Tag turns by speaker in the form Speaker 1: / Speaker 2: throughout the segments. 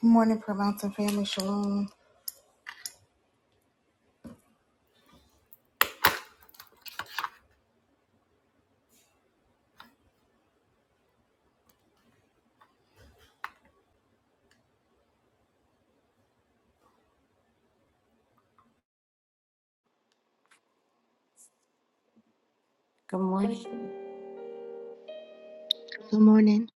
Speaker 1: Good morning, Prayer Mountain family. Shalom. morning.
Speaker 2: Good morning.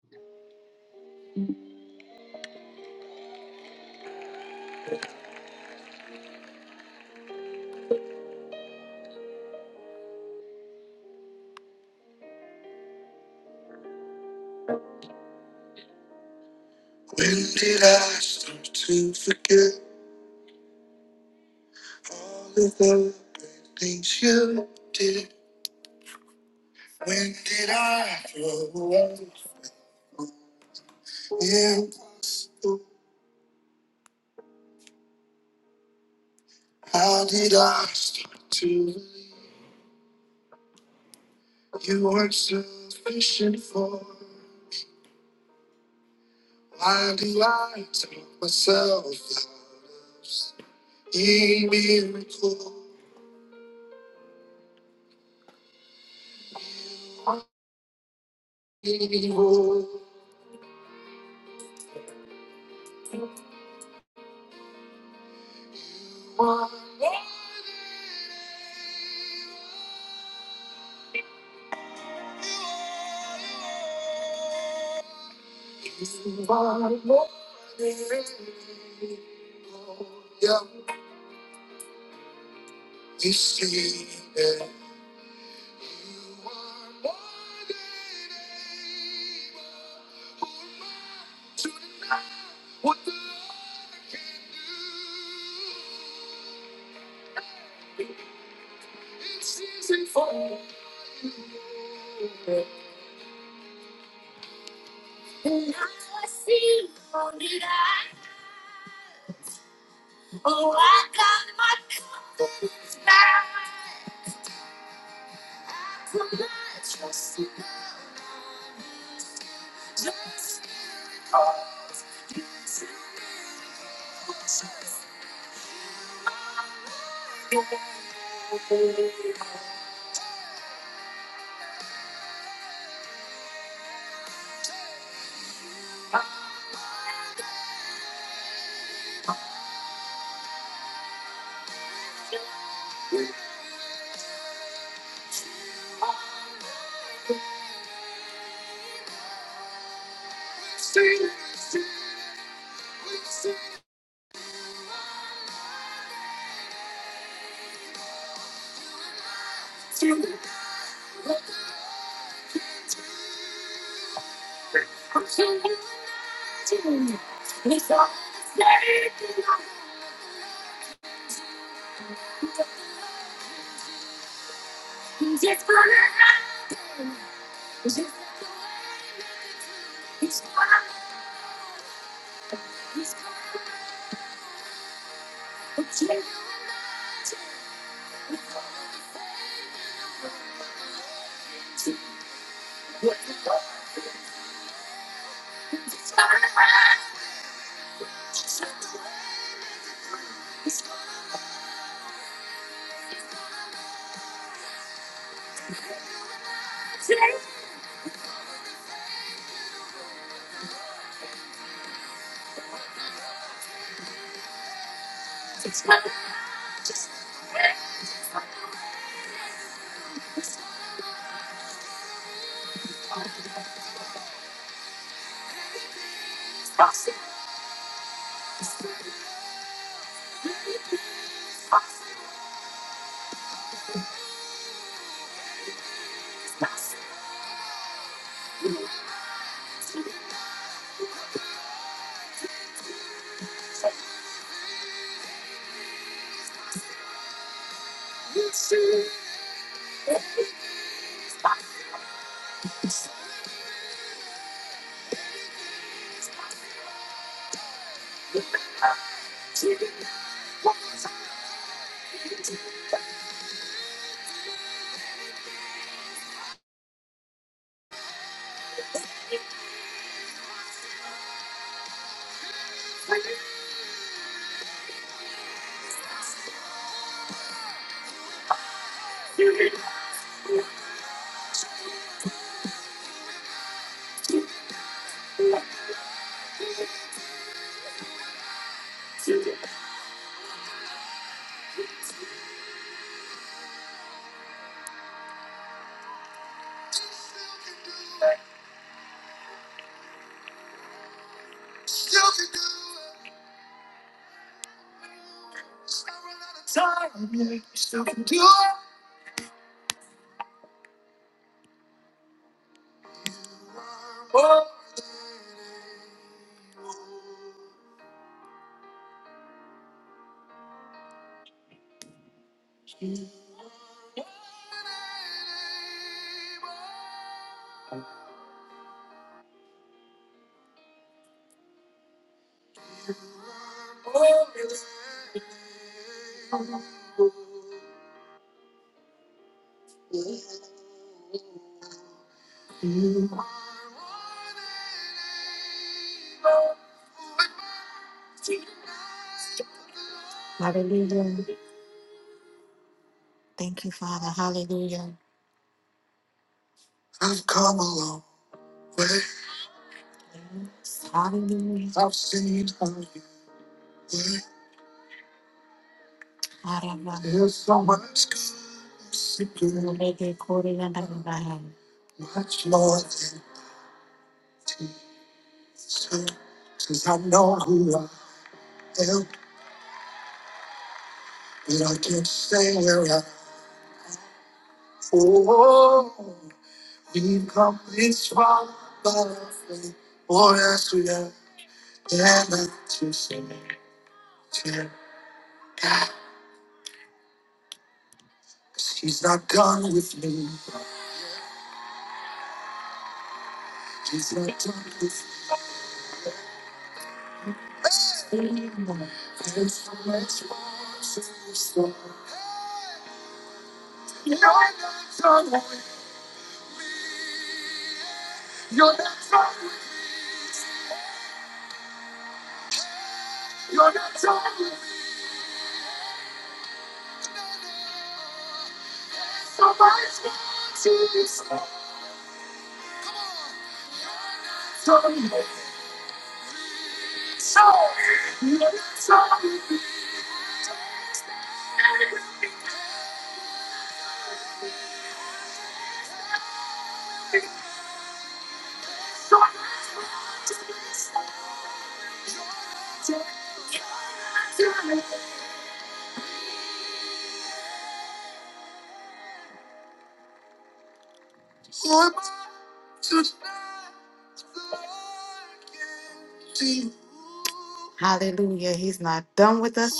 Speaker 1: Hallelujah. He's not done with us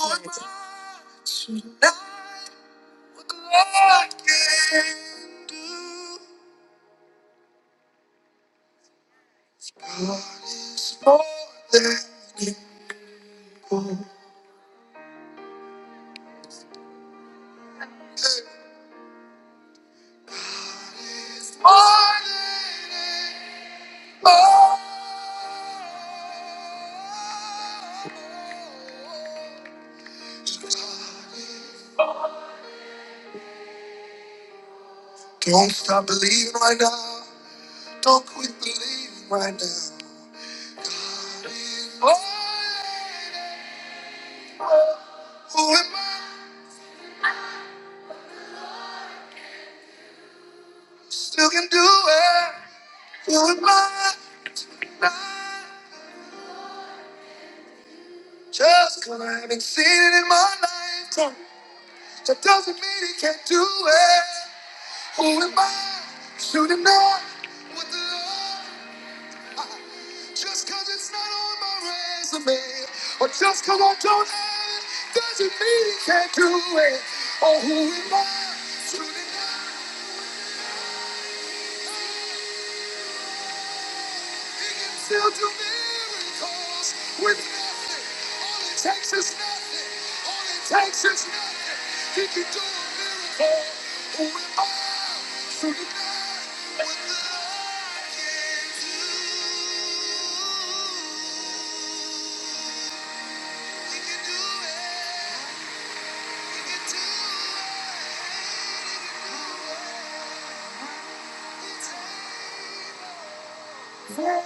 Speaker 1: yet.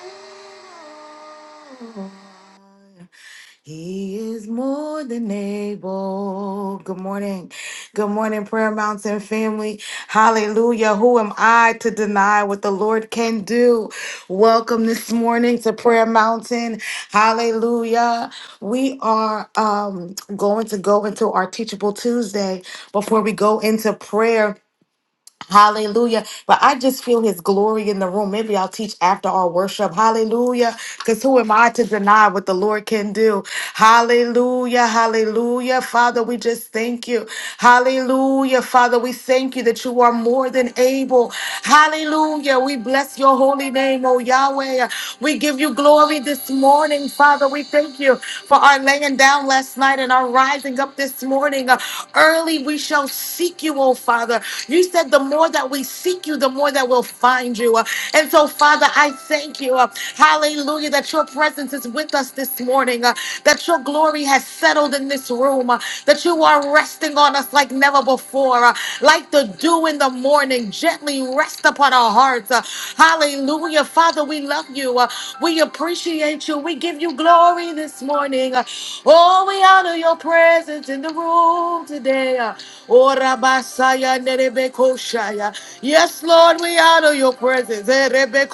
Speaker 1: He is more than able. Good morning. Good morning, Prayer Mountain family. Hallelujah. Who am I to deny what the Lord can do? Welcome this morning to Prayer Mountain. Hallelujah. We are um, going to go into our Teachable Tuesday before we go into prayer. Hallelujah. But I just feel his glory in the room. Maybe I'll teach after our worship. Hallelujah. Because who am I to deny what the Lord can do? Hallelujah. Hallelujah. Father, we just thank you. Hallelujah. Father, we thank you that you are more than able. Hallelujah. We bless your holy name, O Yahweh. We give you glory this morning, Father. We thank you for our laying down last night and our rising up this morning. Uh, Early we shall seek seek you, oh Father. You said the more that we seek you, the more that we'll find you. Uh, And so, Father, I thank you. uh, Hallelujah, that your presence is with us this morning, uh, that your glory has settled in this room, uh, that you are resting on us like never before, uh, like the dew in the morning, gently rest upon our hearts. uh, Hallelujah. Father, we love you. uh, We appreciate you. We give you glory this morning. uh, Oh, we honor your presence in the room home today. uh, Ora basaya nerebe koshaya. Yes, Lord, we honor your presence. Eh, rebe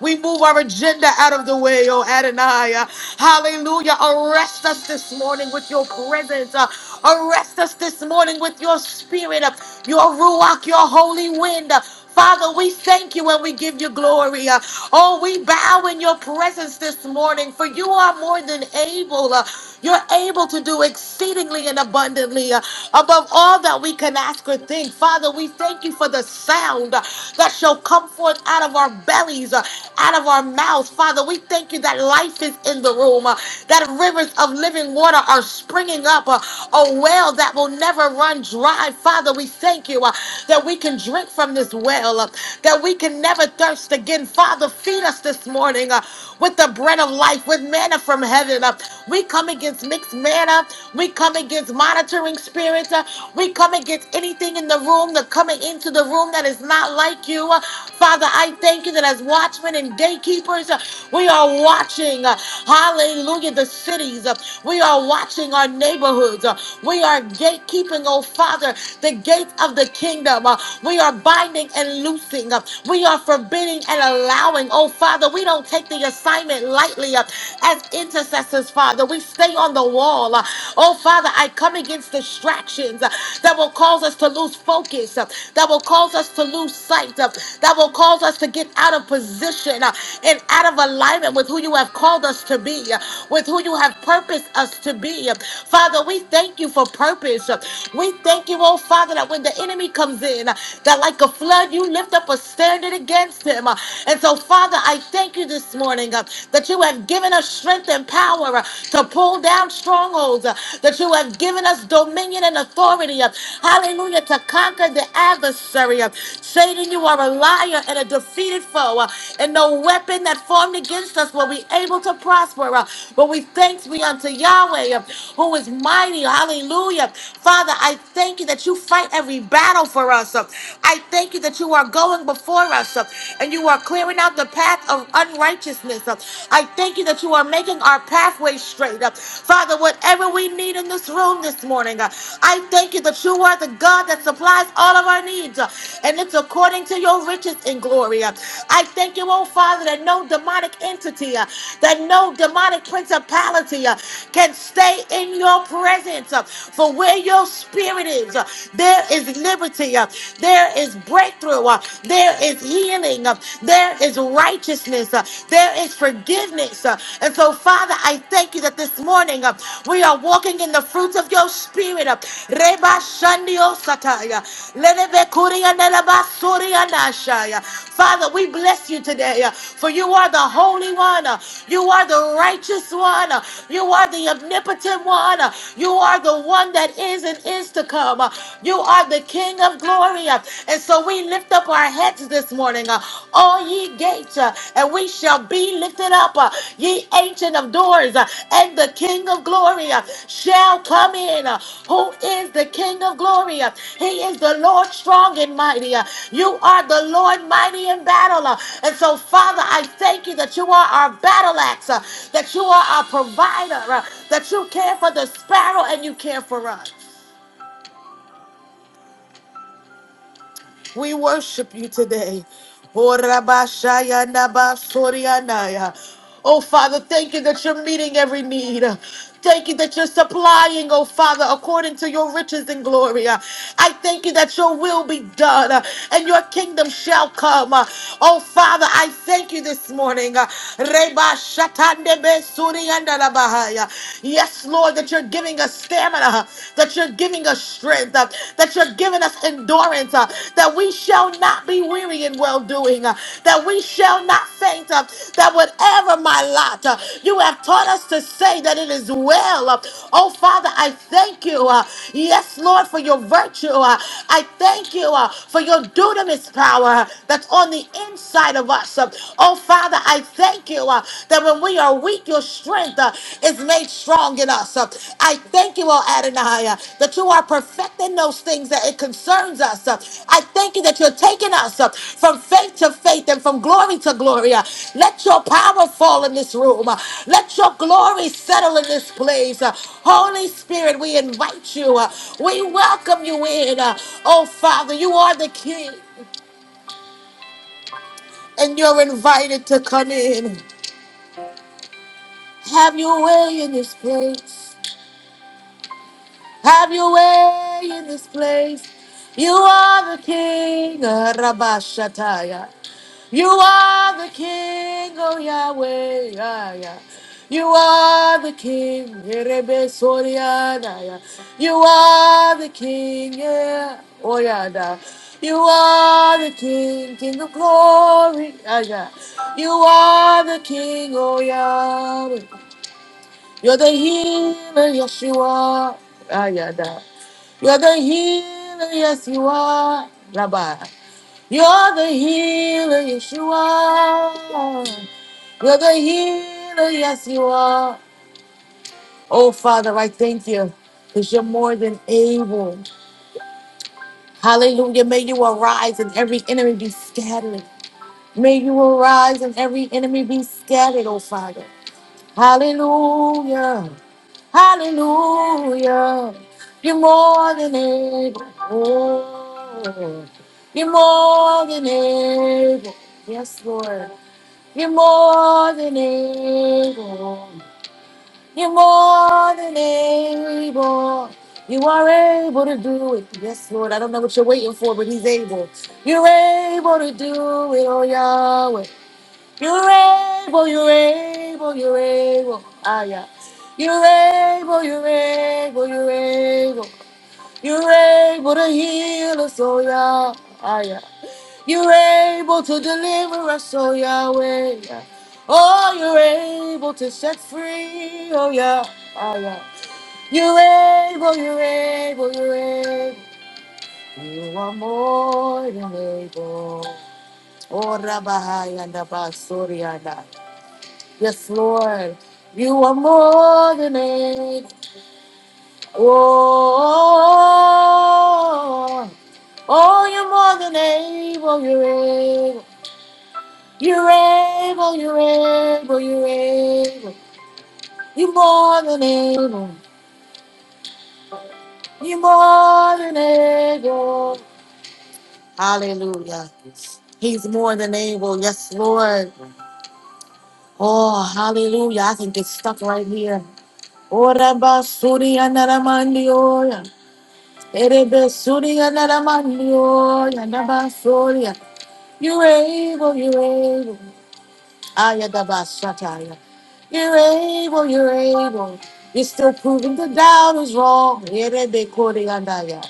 Speaker 1: We move our agenda out of the way, oh Adonai. uh, Hallelujah. Arrest us this morning with your presence. uh, Arrest us this morning with your spirit, uh, your ruach, your holy wind. uh, Father, we thank you and we give you glory. Uh, Oh, we bow in your presence this morning, for you are more than able. Uh, you're able to do exceedingly and abundantly uh, above all that we can ask or think. Father, we thank you for the sound uh, that shall come forth out of our bellies, uh, out of our mouths. Father, we thank you that life is in the room, uh, that rivers of living water are springing up, uh, a well that will never run dry. Father, we thank you uh, that we can drink from this well, uh, that we can never thirst again. Father, feed us this morning uh, with the bread of life, with manna manna from heaven. Uh, We come against mixed manna. We come against monitoring spirits. Uh, We come against anything in the room that coming into the room that is not like you. Uh, Father, I thank you that as watchmen and gatekeepers, uh, we are watching. uh, Hallelujah, the cities. Uh, We are watching our neighborhoods. Uh, We are gatekeeping, oh Father, the gates of the kingdom. Uh, We are binding and loosing. Uh, We are forbidding and allowing. Oh Father, we don't take the assignment lightly uh, as intercessors, Father. We stay on the wall. uh, Oh, Father, I come against distractions uh, that will cause us to lose focus, uh, that will cause us to lose sight, uh, that will cause us to get out of position uh, and out of alignment with who you have called us to be, uh, with who you have purposed us to be. Father, we thank you for purpose. We thank you, oh Father, that when the enemy comes in, that like a flood, you lift up a standard against him. and so. So, Father, I thank you this morning uh, that you have given us strength and power uh, to pull down strongholds, uh, that you have given us dominion and authority. uh, hallelujah, to conquer the adversary. uh, Satan, you are a liar and a defeated foe, uh, and no weapon that formed against us will be able to prosper. uh, but we thanks be unto Yahweh, uh, who is mighty. Hallelujah. Father, I thank you that you fight every battle for us. uh, I thank you that you are going before before us, uh, and you are clearing out the path of unrighteousness. uh. I thank you that you are making our pathway straight. uh. Father, whatever we need in this room this morning, uh, I thank you that you are the God that supplies all of our needs, uh, and it's according to your riches in glory. uh. I thank you, oh Father, that no demonic entity, uh, that no demonic principality uh, can stay in your presence. uh, For where your spirit is, uh, there is liberty. uh, There there is breakthrough. Uh, There is healing. Uh, There is righteousness. Uh, There is forgiveness. Uh, And so, Father, I thank you that this morning uh, we are walking in the fruits of your spirit. Uh, Reba Shandio Sataya. Lenebe Kuria Neleba Suria Nashaya. Father, we bless you today, uh, for you are the Holy One. uh, You are the righteous one. uh, You are the omnipotent one. uh, You are the one that is and is to come. uh, You you are the King of glory. uh, And so we lift up our heads this morning, uh, all ye gates, uh, and we shall be lifted up, uh, ye ancient of doors, uh, and the King of glory uh, shall come in. uh, Who is the King of glory? uh, He is the Lord strong and mighty. uh, You are the Lord mighty in battle. uh, And so, Father, I thank you that you are our battle axe, uh, that you are our provider, uh, that you care for the sparrow and you care for us. We worship you today. Oh, Rabashaya Nabasorianaya. Oh, Father, thank you that you're meeting every need. Thank you that you're supplying, oh Father, according to your riches and glory. I thank you that your will be done uh, and your kingdom shall come. Uh, Oh Father, I thank you this morning. Uh, Reba shatande be suri andala bahaya. Yes, Lord, that you're giving us stamina, uh, that you're giving us strength, uh, that you're giving us endurance, uh, that we shall not be weary in well doing, that we shall not faint, uh, that whatever my lot, uh, you have taught us to say that it is well. Uh, oh, Father, I thank you. uh, yes, Lord, for your virtue. uh, I thank you uh, for your dunamis power uh, that's on the inside of us. Uh, oh, Father, I thank you. uh, that when we are weak, your strength uh, is made strong in us. Uh, I thank you, O Adonai, uh, that you are perfecting those things that it concerns us. Uh, I thank you that you're taking us uh, from faith to faith and from glory to glory. Uh, let your power fall in this room. Uh, let your glory settle in this place. Uh, Holy Spirit, we invite you. Uh, we welcome you in. Uh, oh, Father, you are the King, and you're invited to come in. Have your way in this place. Have your way in this place. You are the King, uh, Rabashataya. You are the King, oh Yahweh. ah, yeah. You are the King, Erebe Soriana. yeah. You are the King, yeah, oh Yada. You are the King, King of glory. ah, yeah. You are the King, oh Yahweh. You're the healer, Yeshua. Ah Ayada. You're the healer, yes you are, Rabbi. You're the healer, yes you are. You're the healer, yes you are. Oh Father, I thank you because you're more than able. Hallelujah. May you arise and every enemy be scattered. May you arise and every enemy be scattered, oh Father. Hallelujah. Hallelujah. You're more than able. Oh, you're more than able. Yes, Lord. You're more than able. You're more than able. You are able to do it. Yes, Lord. I don't know what you're waiting for, but He's able. You're able to do it, oh Yahweh. You're able, you're able, you're able. Ah, yeah. You're able, you're able, you're able. You're able to heal us, oh, yeah. Ah, yeah. You're able to deliver us, oh, Yahweh. Yeah. Oh, you're able to set free, oh, yeah. Ah, yeah. You're able, you're able, you're able. You are more than able. Oh, Rabahayanda Basurianda. Yes, Lord. You are more than able. Oh, oh, you're more than able. You're able. You're able. You're able. You're able. You're more than able. You're more than able. Hallelujah. He's more than able. Yes, Lord. Oh, hallelujah. I can get stuck right here. Ora basuri andaramandioya. Erebesuri yanaramanyo, yanabasoria. You're able, you're able. Ayadabashataya. You're able, you're able. You're still proving the doubt is wrong. Erebekore yandaya.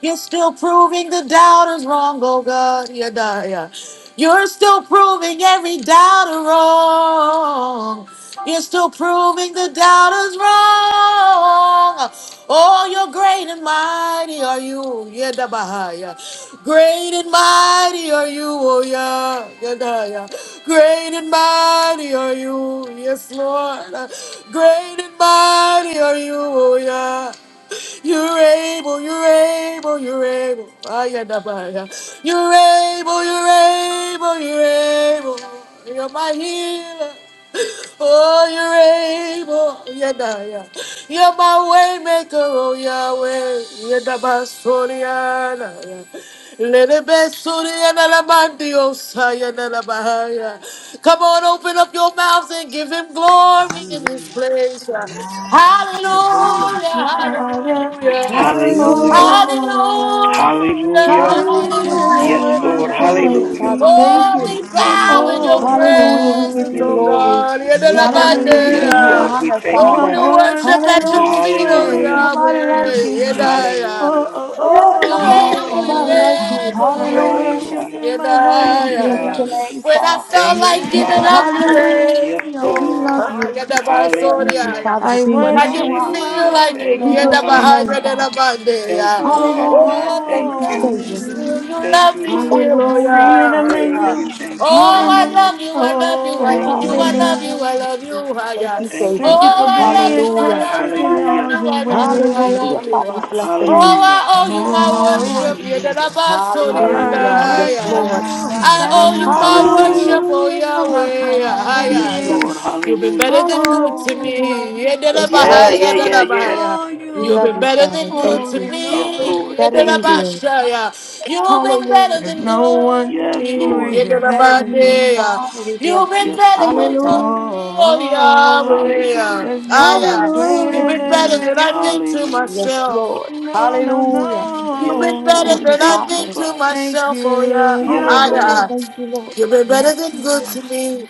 Speaker 1: You're still proving the doubters wrong, oh God. Yeah, nah, yeah. You're still proving every doubter wrong. You're still proving the doubters wrong. Oh, you're great and mighty are you. Yeah, nah, bah, yeah. Great and mighty are you, O Yah. Yadaya. Great and mighty are you, yes, Lord. Great and mighty are you, O Yah. You're able, you're able, you're able. Ayadabaya. You're able, you're able, you're able. You're my healer. Oh, you're able, Yedaya. You're my way maker, oh Yahweh. Yedabasuriana. Ledebesuriana lamandio sayana labahaya. Come on, open up your mouths and give him glory in this place. yeah.
Speaker 3: Your
Speaker 1: Hallelujah,
Speaker 3: Father,
Speaker 1: hallelujah.
Speaker 4: Hallelujah.
Speaker 2: Hallelujah.
Speaker 1: Hallelujah,
Speaker 3: oh,
Speaker 4: Hallelujah.
Speaker 3: I worship
Speaker 2: Hallelujah. You're
Speaker 4: Yes,
Speaker 1: hallelujah,
Speaker 3: you,
Speaker 2: worthy
Speaker 3: my
Speaker 4: Lord.
Speaker 2: to be
Speaker 3: holy
Speaker 2: praised,
Speaker 4: Hallelujah.
Speaker 2: Father. Thank
Speaker 3: King.
Speaker 1: Oh,
Speaker 2: you.
Speaker 1: we
Speaker 4: One
Speaker 1: bow in your
Speaker 4: more
Speaker 2: Hallelujah. We give
Speaker 1: presence,
Speaker 2: you
Speaker 3: Oh,
Speaker 1: oh
Speaker 2: glory.
Speaker 4: name.
Speaker 1: God.
Speaker 5: Yes,
Speaker 2: Hallelujah. We
Speaker 4: Yes,
Speaker 2: give you
Speaker 3: hallelujah.
Speaker 4: Lord. We
Speaker 2: honor,
Speaker 1: Yedelabadea.
Speaker 4: thank
Speaker 3: You
Speaker 1: Oh,
Speaker 4: you,
Speaker 3: are
Speaker 1: we
Speaker 2: Father.
Speaker 4: Father.
Speaker 3: worthy
Speaker 1: worship at
Speaker 3: to
Speaker 1: your
Speaker 3: be
Speaker 1: feet,
Speaker 2: Hallelujah.
Speaker 1: oh
Speaker 2: There's
Speaker 4: Hallelujah.
Speaker 3: praised.
Speaker 2: nobody
Speaker 1: Yahweh.
Speaker 3: Yeah.
Speaker 2: like you.
Speaker 1: Yedaya.
Speaker 3: Oh,
Speaker 4: Hallelujah.
Speaker 3: oh,
Speaker 2: There's
Speaker 1: Oh, you're
Speaker 2: nobody
Speaker 3: oh, oh,
Speaker 4: Hallelujah.
Speaker 2: like you.
Speaker 1: able,
Speaker 3: I
Speaker 5: hallelujah.
Speaker 1: you're able,
Speaker 3: worship
Speaker 2: Hallelujah.
Speaker 4: Hallelujah.
Speaker 1: you're able.
Speaker 3: you, my
Speaker 4: Thank
Speaker 3: holy
Speaker 2: We
Speaker 4: you,
Speaker 2: bless
Speaker 1: Yedaya.
Speaker 2: your
Speaker 4: Father.
Speaker 3: King.
Speaker 2: name,
Speaker 1: When I
Speaker 2: Father.
Speaker 1: felt
Speaker 4: Thank you,
Speaker 1: like giving up,
Speaker 4: Father.
Speaker 1: you're
Speaker 5: Yes,
Speaker 4: Yes,
Speaker 1: able.
Speaker 2: Hallelujah. We
Speaker 4: Lord.
Speaker 2: love you. Thank you,
Speaker 4: Hallelujah.
Speaker 2: Father, for
Speaker 3: I
Speaker 2: being
Speaker 1: When
Speaker 2: who
Speaker 1: I
Speaker 3: worship
Speaker 2: you
Speaker 1: didn't
Speaker 3: you,
Speaker 2: are.
Speaker 3: my
Speaker 1: feel
Speaker 4: Hallelujah.
Speaker 1: like
Speaker 3: holy
Speaker 1: it,
Speaker 4: Thank
Speaker 2: We
Speaker 1: you
Speaker 4: you,
Speaker 1: end
Speaker 2: bless
Speaker 1: up
Speaker 2: your
Speaker 4: kind
Speaker 3: Lord.
Speaker 1: behind
Speaker 2: name,
Speaker 1: it
Speaker 5: Mama.
Speaker 4: Savior.
Speaker 1: in a
Speaker 2: Father.
Speaker 1: Monday.
Speaker 4: Thank
Speaker 1: yeah.
Speaker 4: you, O
Speaker 2: Hallelujah.
Speaker 4: Adonai.
Speaker 1: Oh,
Speaker 2: Thank
Speaker 4: Thank
Speaker 1: you
Speaker 2: you,
Speaker 1: love
Speaker 4: you.
Speaker 1: me
Speaker 2: Savior.
Speaker 3: Oh,
Speaker 1: still, you
Speaker 4: Thank
Speaker 1: love
Speaker 4: you,
Speaker 5: Hallelujah.
Speaker 1: me
Speaker 4: Lord.
Speaker 1: still,
Speaker 3: the
Speaker 1: oh
Speaker 2: Hallelujah.
Speaker 3: freedom
Speaker 1: yeah,
Speaker 3: in
Speaker 4: Thank
Speaker 1: yeah.
Speaker 4: you.
Speaker 3: you.
Speaker 4: Thank you.
Speaker 1: Oh,
Speaker 4: Thank
Speaker 1: I
Speaker 4: you.
Speaker 5: Hallelujah.
Speaker 1: love you, I
Speaker 2: Hallelujah.
Speaker 1: love you, I
Speaker 4: Thank
Speaker 1: love you, I
Speaker 4: you, Lord.
Speaker 3: Oh.
Speaker 1: love
Speaker 5: Mama.
Speaker 1: you, I
Speaker 2: Hallelujah.
Speaker 1: love you, ah,
Speaker 2: Thank
Speaker 1: yeah.
Speaker 2: you,
Speaker 4: Thank you,
Speaker 3: Thank
Speaker 2: Savior.
Speaker 3: you
Speaker 1: Oh,
Speaker 3: for
Speaker 4: Lord.
Speaker 1: I love
Speaker 3: being
Speaker 5: Yes,
Speaker 1: you, I
Speaker 2: Hallelujah.
Speaker 1: love
Speaker 3: perfect
Speaker 1: you,
Speaker 3: in
Speaker 1: I
Speaker 4: Hallelujah.
Speaker 1: love
Speaker 3: all
Speaker 1: you,
Speaker 3: your
Speaker 1: I love you, I
Speaker 3: ways.
Speaker 5: hallelujah.
Speaker 2: Hallelujah.
Speaker 1: love you.
Speaker 2: Father, we
Speaker 1: ah.
Speaker 2: bless your
Speaker 1: Oh,
Speaker 2: name.
Speaker 4: Hallelujah.
Speaker 1: I owe you
Speaker 5: Mama.
Speaker 1: my
Speaker 3: Oh,
Speaker 1: worship, yeah, that
Speaker 5: Hallelujah.
Speaker 3: I
Speaker 2: Hallelujah.
Speaker 4: Hallelujah.
Speaker 1: I'm
Speaker 2: Yes,
Speaker 5: Hallelujah.
Speaker 3: worship
Speaker 2: Lord.
Speaker 3: you, I
Speaker 1: I
Speaker 3: bow
Speaker 1: owe you
Speaker 5: Hallelujah.
Speaker 3: before
Speaker 1: my worship,
Speaker 3: you,
Speaker 4: Hallelujah.
Speaker 1: oh
Speaker 2: Hallelujah.
Speaker 3: my
Speaker 1: Yahweh.
Speaker 2: Hallelujah.
Speaker 3: holy
Speaker 1: Ay,
Speaker 4: Yes,
Speaker 1: ay,
Speaker 5: Hallelujah.
Speaker 1: ay.
Speaker 4: Lord.
Speaker 3: King.
Speaker 1: You've been better
Speaker 4: Hallelujah.
Speaker 1: than good to
Speaker 2: Hallelujah.
Speaker 3: Oh,
Speaker 1: me.
Speaker 3: I
Speaker 2: Yes,
Speaker 4: Yeah,
Speaker 3: bow
Speaker 2: Lord.
Speaker 1: Yedelabahaya,
Speaker 4: yeah, yeah,
Speaker 3: down
Speaker 1: delabahaya.
Speaker 4: yeah.
Speaker 3: before
Speaker 2: We
Speaker 3: you,
Speaker 1: You've
Speaker 2: love
Speaker 1: been
Speaker 3: my
Speaker 2: you,
Speaker 1: better
Speaker 2: Father.
Speaker 1: than good
Speaker 2: Thank
Speaker 1: to
Speaker 3: holy
Speaker 2: you.
Speaker 4: yes,
Speaker 3: Lord.
Speaker 1: me.
Speaker 4: Lord.
Speaker 2: Better
Speaker 4: Thank
Speaker 2: than
Speaker 4: you.
Speaker 2: good.
Speaker 1: Yedelabashaya. You've been better
Speaker 2: Hallelujah.
Speaker 3: There's
Speaker 1: than
Speaker 3: no
Speaker 1: good to
Speaker 4: Yes,
Speaker 3: one
Speaker 1: me.
Speaker 4: Lord.
Speaker 2: You've
Speaker 3: greater
Speaker 2: been better
Speaker 3: than
Speaker 2: than good.
Speaker 3: you.
Speaker 2: Father,
Speaker 1: Yedelabadea.
Speaker 2: we
Speaker 1: You've
Speaker 2: bless
Speaker 1: been
Speaker 2: you.
Speaker 4: Yes,
Speaker 1: better than good
Speaker 4: Lord.
Speaker 1: to me,
Speaker 2: Hallelujah.
Speaker 1: oh
Speaker 3: Oh,
Speaker 1: Yahweh.
Speaker 4: Hallelujah.
Speaker 3: there's
Speaker 1: Ay,
Speaker 3: no one
Speaker 1: ay. You've
Speaker 3: greater
Speaker 1: been
Speaker 3: than
Speaker 2: Hallelujah.
Speaker 1: better
Speaker 5: Hallelujah. Hallelujah.
Speaker 1: than I've
Speaker 3: you.
Speaker 1: been to
Speaker 2: Yes,
Speaker 4: Hallelujah.
Speaker 1: myself.
Speaker 2: Lord.
Speaker 3: No, no,
Speaker 2: Hallelujah.
Speaker 1: You've
Speaker 4: Yes,
Speaker 1: been better
Speaker 3: no.
Speaker 2: Thank
Speaker 4: Lord.
Speaker 2: you,
Speaker 1: than
Speaker 4: Thank
Speaker 1: I've
Speaker 4: you,
Speaker 1: been
Speaker 2: Father.
Speaker 1: to
Speaker 4: Father.
Speaker 3: Thank
Speaker 1: myself, oh
Speaker 3: you,
Speaker 1: yeah.
Speaker 4: Yes,
Speaker 1: Ah,
Speaker 2: Hallelujah.
Speaker 4: Lord.
Speaker 1: yeah.
Speaker 3: Yahweh.
Speaker 2: Thank you, Lord.
Speaker 1: You've been better
Speaker 5: Yes,
Speaker 1: than good to
Speaker 5: Lord.
Speaker 1: me.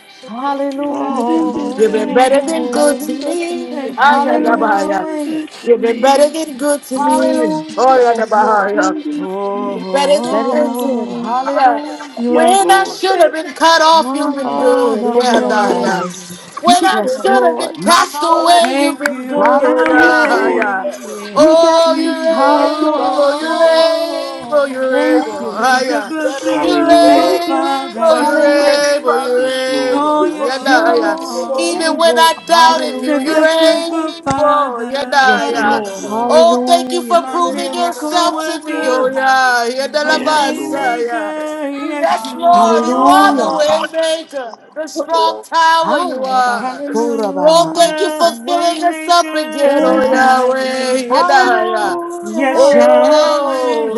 Speaker 4: You've been
Speaker 5: Oh,
Speaker 4: better
Speaker 2: Hallelujah.
Speaker 4: than good
Speaker 5: yes,
Speaker 1: You've
Speaker 4: to
Speaker 1: been
Speaker 5: Father.
Speaker 1: better
Speaker 4: me.
Speaker 1: than
Speaker 2: Better
Speaker 1: good
Speaker 3: Oh,
Speaker 1: to
Speaker 2: than good to
Speaker 1: me.
Speaker 2: me.
Speaker 3: thank
Speaker 4: You've
Speaker 1: Hiya
Speaker 4: been
Speaker 3: you,
Speaker 4: better than
Speaker 2: Hallelujah.
Speaker 1: dabaya.
Speaker 3: Yahweh.
Speaker 4: good to
Speaker 1: You've been better
Speaker 4: me.
Speaker 1: than good to
Speaker 5: Hallelujah.
Speaker 1: me. Oh
Speaker 2: Hallelujah.
Speaker 1: yeah,
Speaker 2: Yes, Lord.
Speaker 4: You've
Speaker 1: dabaya.
Speaker 4: been good to
Speaker 1: You've
Speaker 4: me.
Speaker 1: been better than
Speaker 2: Better
Speaker 1: good
Speaker 2: than
Speaker 1: to
Speaker 2: good.
Speaker 3: Oh,
Speaker 1: me.
Speaker 2: Hallelujah.
Speaker 3: you
Speaker 4: Yes,
Speaker 3: are
Speaker 1: When I
Speaker 4: Lord.
Speaker 1: should have
Speaker 3: perfect
Speaker 1: been cut
Speaker 2: I
Speaker 1: off, you've
Speaker 3: in
Speaker 2: Ay,
Speaker 1: been
Speaker 2: abas-
Speaker 3: all
Speaker 1: good.
Speaker 3: of
Speaker 2: oh,
Speaker 1: Yeah,
Speaker 3: your
Speaker 2: Rabbi.
Speaker 3: ways.
Speaker 1: dabaya.
Speaker 6: You
Speaker 1: When I
Speaker 2: Yes,
Speaker 6: said
Speaker 1: should have
Speaker 2: Lord.
Speaker 1: been
Speaker 6: everything
Speaker 5: My
Speaker 1: cast
Speaker 6: ever
Speaker 5: Lord.
Speaker 1: away, you've
Speaker 3: Thank
Speaker 1: been
Speaker 3: you,
Speaker 1: good, oh
Speaker 4: Yes,
Speaker 1: yeah,
Speaker 2: Hallelujah.
Speaker 4: Lord.
Speaker 1: yeah.
Speaker 6: that way.
Speaker 3: Yahweh.
Speaker 2: You get
Speaker 1: Oh, you're
Speaker 6: You
Speaker 2: me.
Speaker 6: are
Speaker 1: able,
Speaker 2: Hallelujah.
Speaker 6: providing uh,
Speaker 1: you're able,
Speaker 3: Oh,
Speaker 1: you're
Speaker 6: my
Speaker 2: Thank
Speaker 1: able,
Speaker 3: you're
Speaker 2: you.
Speaker 1: ah,
Speaker 3: such
Speaker 6: provision,
Speaker 3: a
Speaker 1: yeah.
Speaker 6: God,
Speaker 3: good, good,
Speaker 6: and
Speaker 1: You're
Speaker 3: good, good
Speaker 4: Hallelujah.
Speaker 2: Thank you.
Speaker 1: able,
Speaker 6: my
Speaker 1: you're
Speaker 6: strength,
Speaker 3: father.
Speaker 1: able,
Speaker 6: Father.
Speaker 1: you're
Speaker 4: Yes,
Speaker 2: Hallelujah.
Speaker 4: Lord.
Speaker 1: able,
Speaker 3: Oh,
Speaker 6: You
Speaker 1: Oh, yeah,
Speaker 3: yes, you
Speaker 6: are
Speaker 1: nah,
Speaker 2: You're
Speaker 1: yeah.
Speaker 6: the
Speaker 2: more than
Speaker 6: Lord.
Speaker 5: Hallelujah.
Speaker 1: Even
Speaker 3: are.
Speaker 1: when
Speaker 2: able.
Speaker 1: I
Speaker 3: You're
Speaker 1: doubted
Speaker 3: such
Speaker 1: you,
Speaker 3: a
Speaker 2: Hallelujah.
Speaker 1: you're
Speaker 3: good, good, good
Speaker 1: able, Oh, yeah, nah,
Speaker 2: Yes,
Speaker 3: father.
Speaker 1: yeah.
Speaker 4: Yes,
Speaker 2: Lord.
Speaker 4: Lord.
Speaker 1: Oh, thank you
Speaker 2: Hallelujah.
Speaker 1: for
Speaker 3: My
Speaker 1: proving
Speaker 5: Hallelujah,
Speaker 3: miracle
Speaker 1: yourself to me, oh
Speaker 3: worker,
Speaker 1: yeah, yeah, nah,
Speaker 3: a
Speaker 1: la,
Speaker 4: Yes,
Speaker 1: ba,
Speaker 4: Lord.
Speaker 1: sa, yeah.
Speaker 3: waymaker, yes
Speaker 1: Yes,
Speaker 3: you
Speaker 1: Lord, you are the
Speaker 2: Hallelujah.
Speaker 1: way
Speaker 5: hallelujah,
Speaker 3: are.
Speaker 1: maker, the strong
Speaker 6: Oh,
Speaker 1: tower you are. Oh,
Speaker 2: Ayanabansorabahai.
Speaker 1: thank you
Speaker 3: Hallelujah,
Speaker 1: for filling us up again, oh
Speaker 2: Thank
Speaker 5: my
Speaker 2: you.
Speaker 3: waymaker.
Speaker 1: Yahweh.
Speaker 5: yes,
Speaker 4: Yes,
Speaker 1: Yedaya.
Speaker 4: Lord.
Speaker 2: Hallelujah,
Speaker 3: Yes,
Speaker 2: hallelujah.
Speaker 1: Oh,
Speaker 3: Yahweh,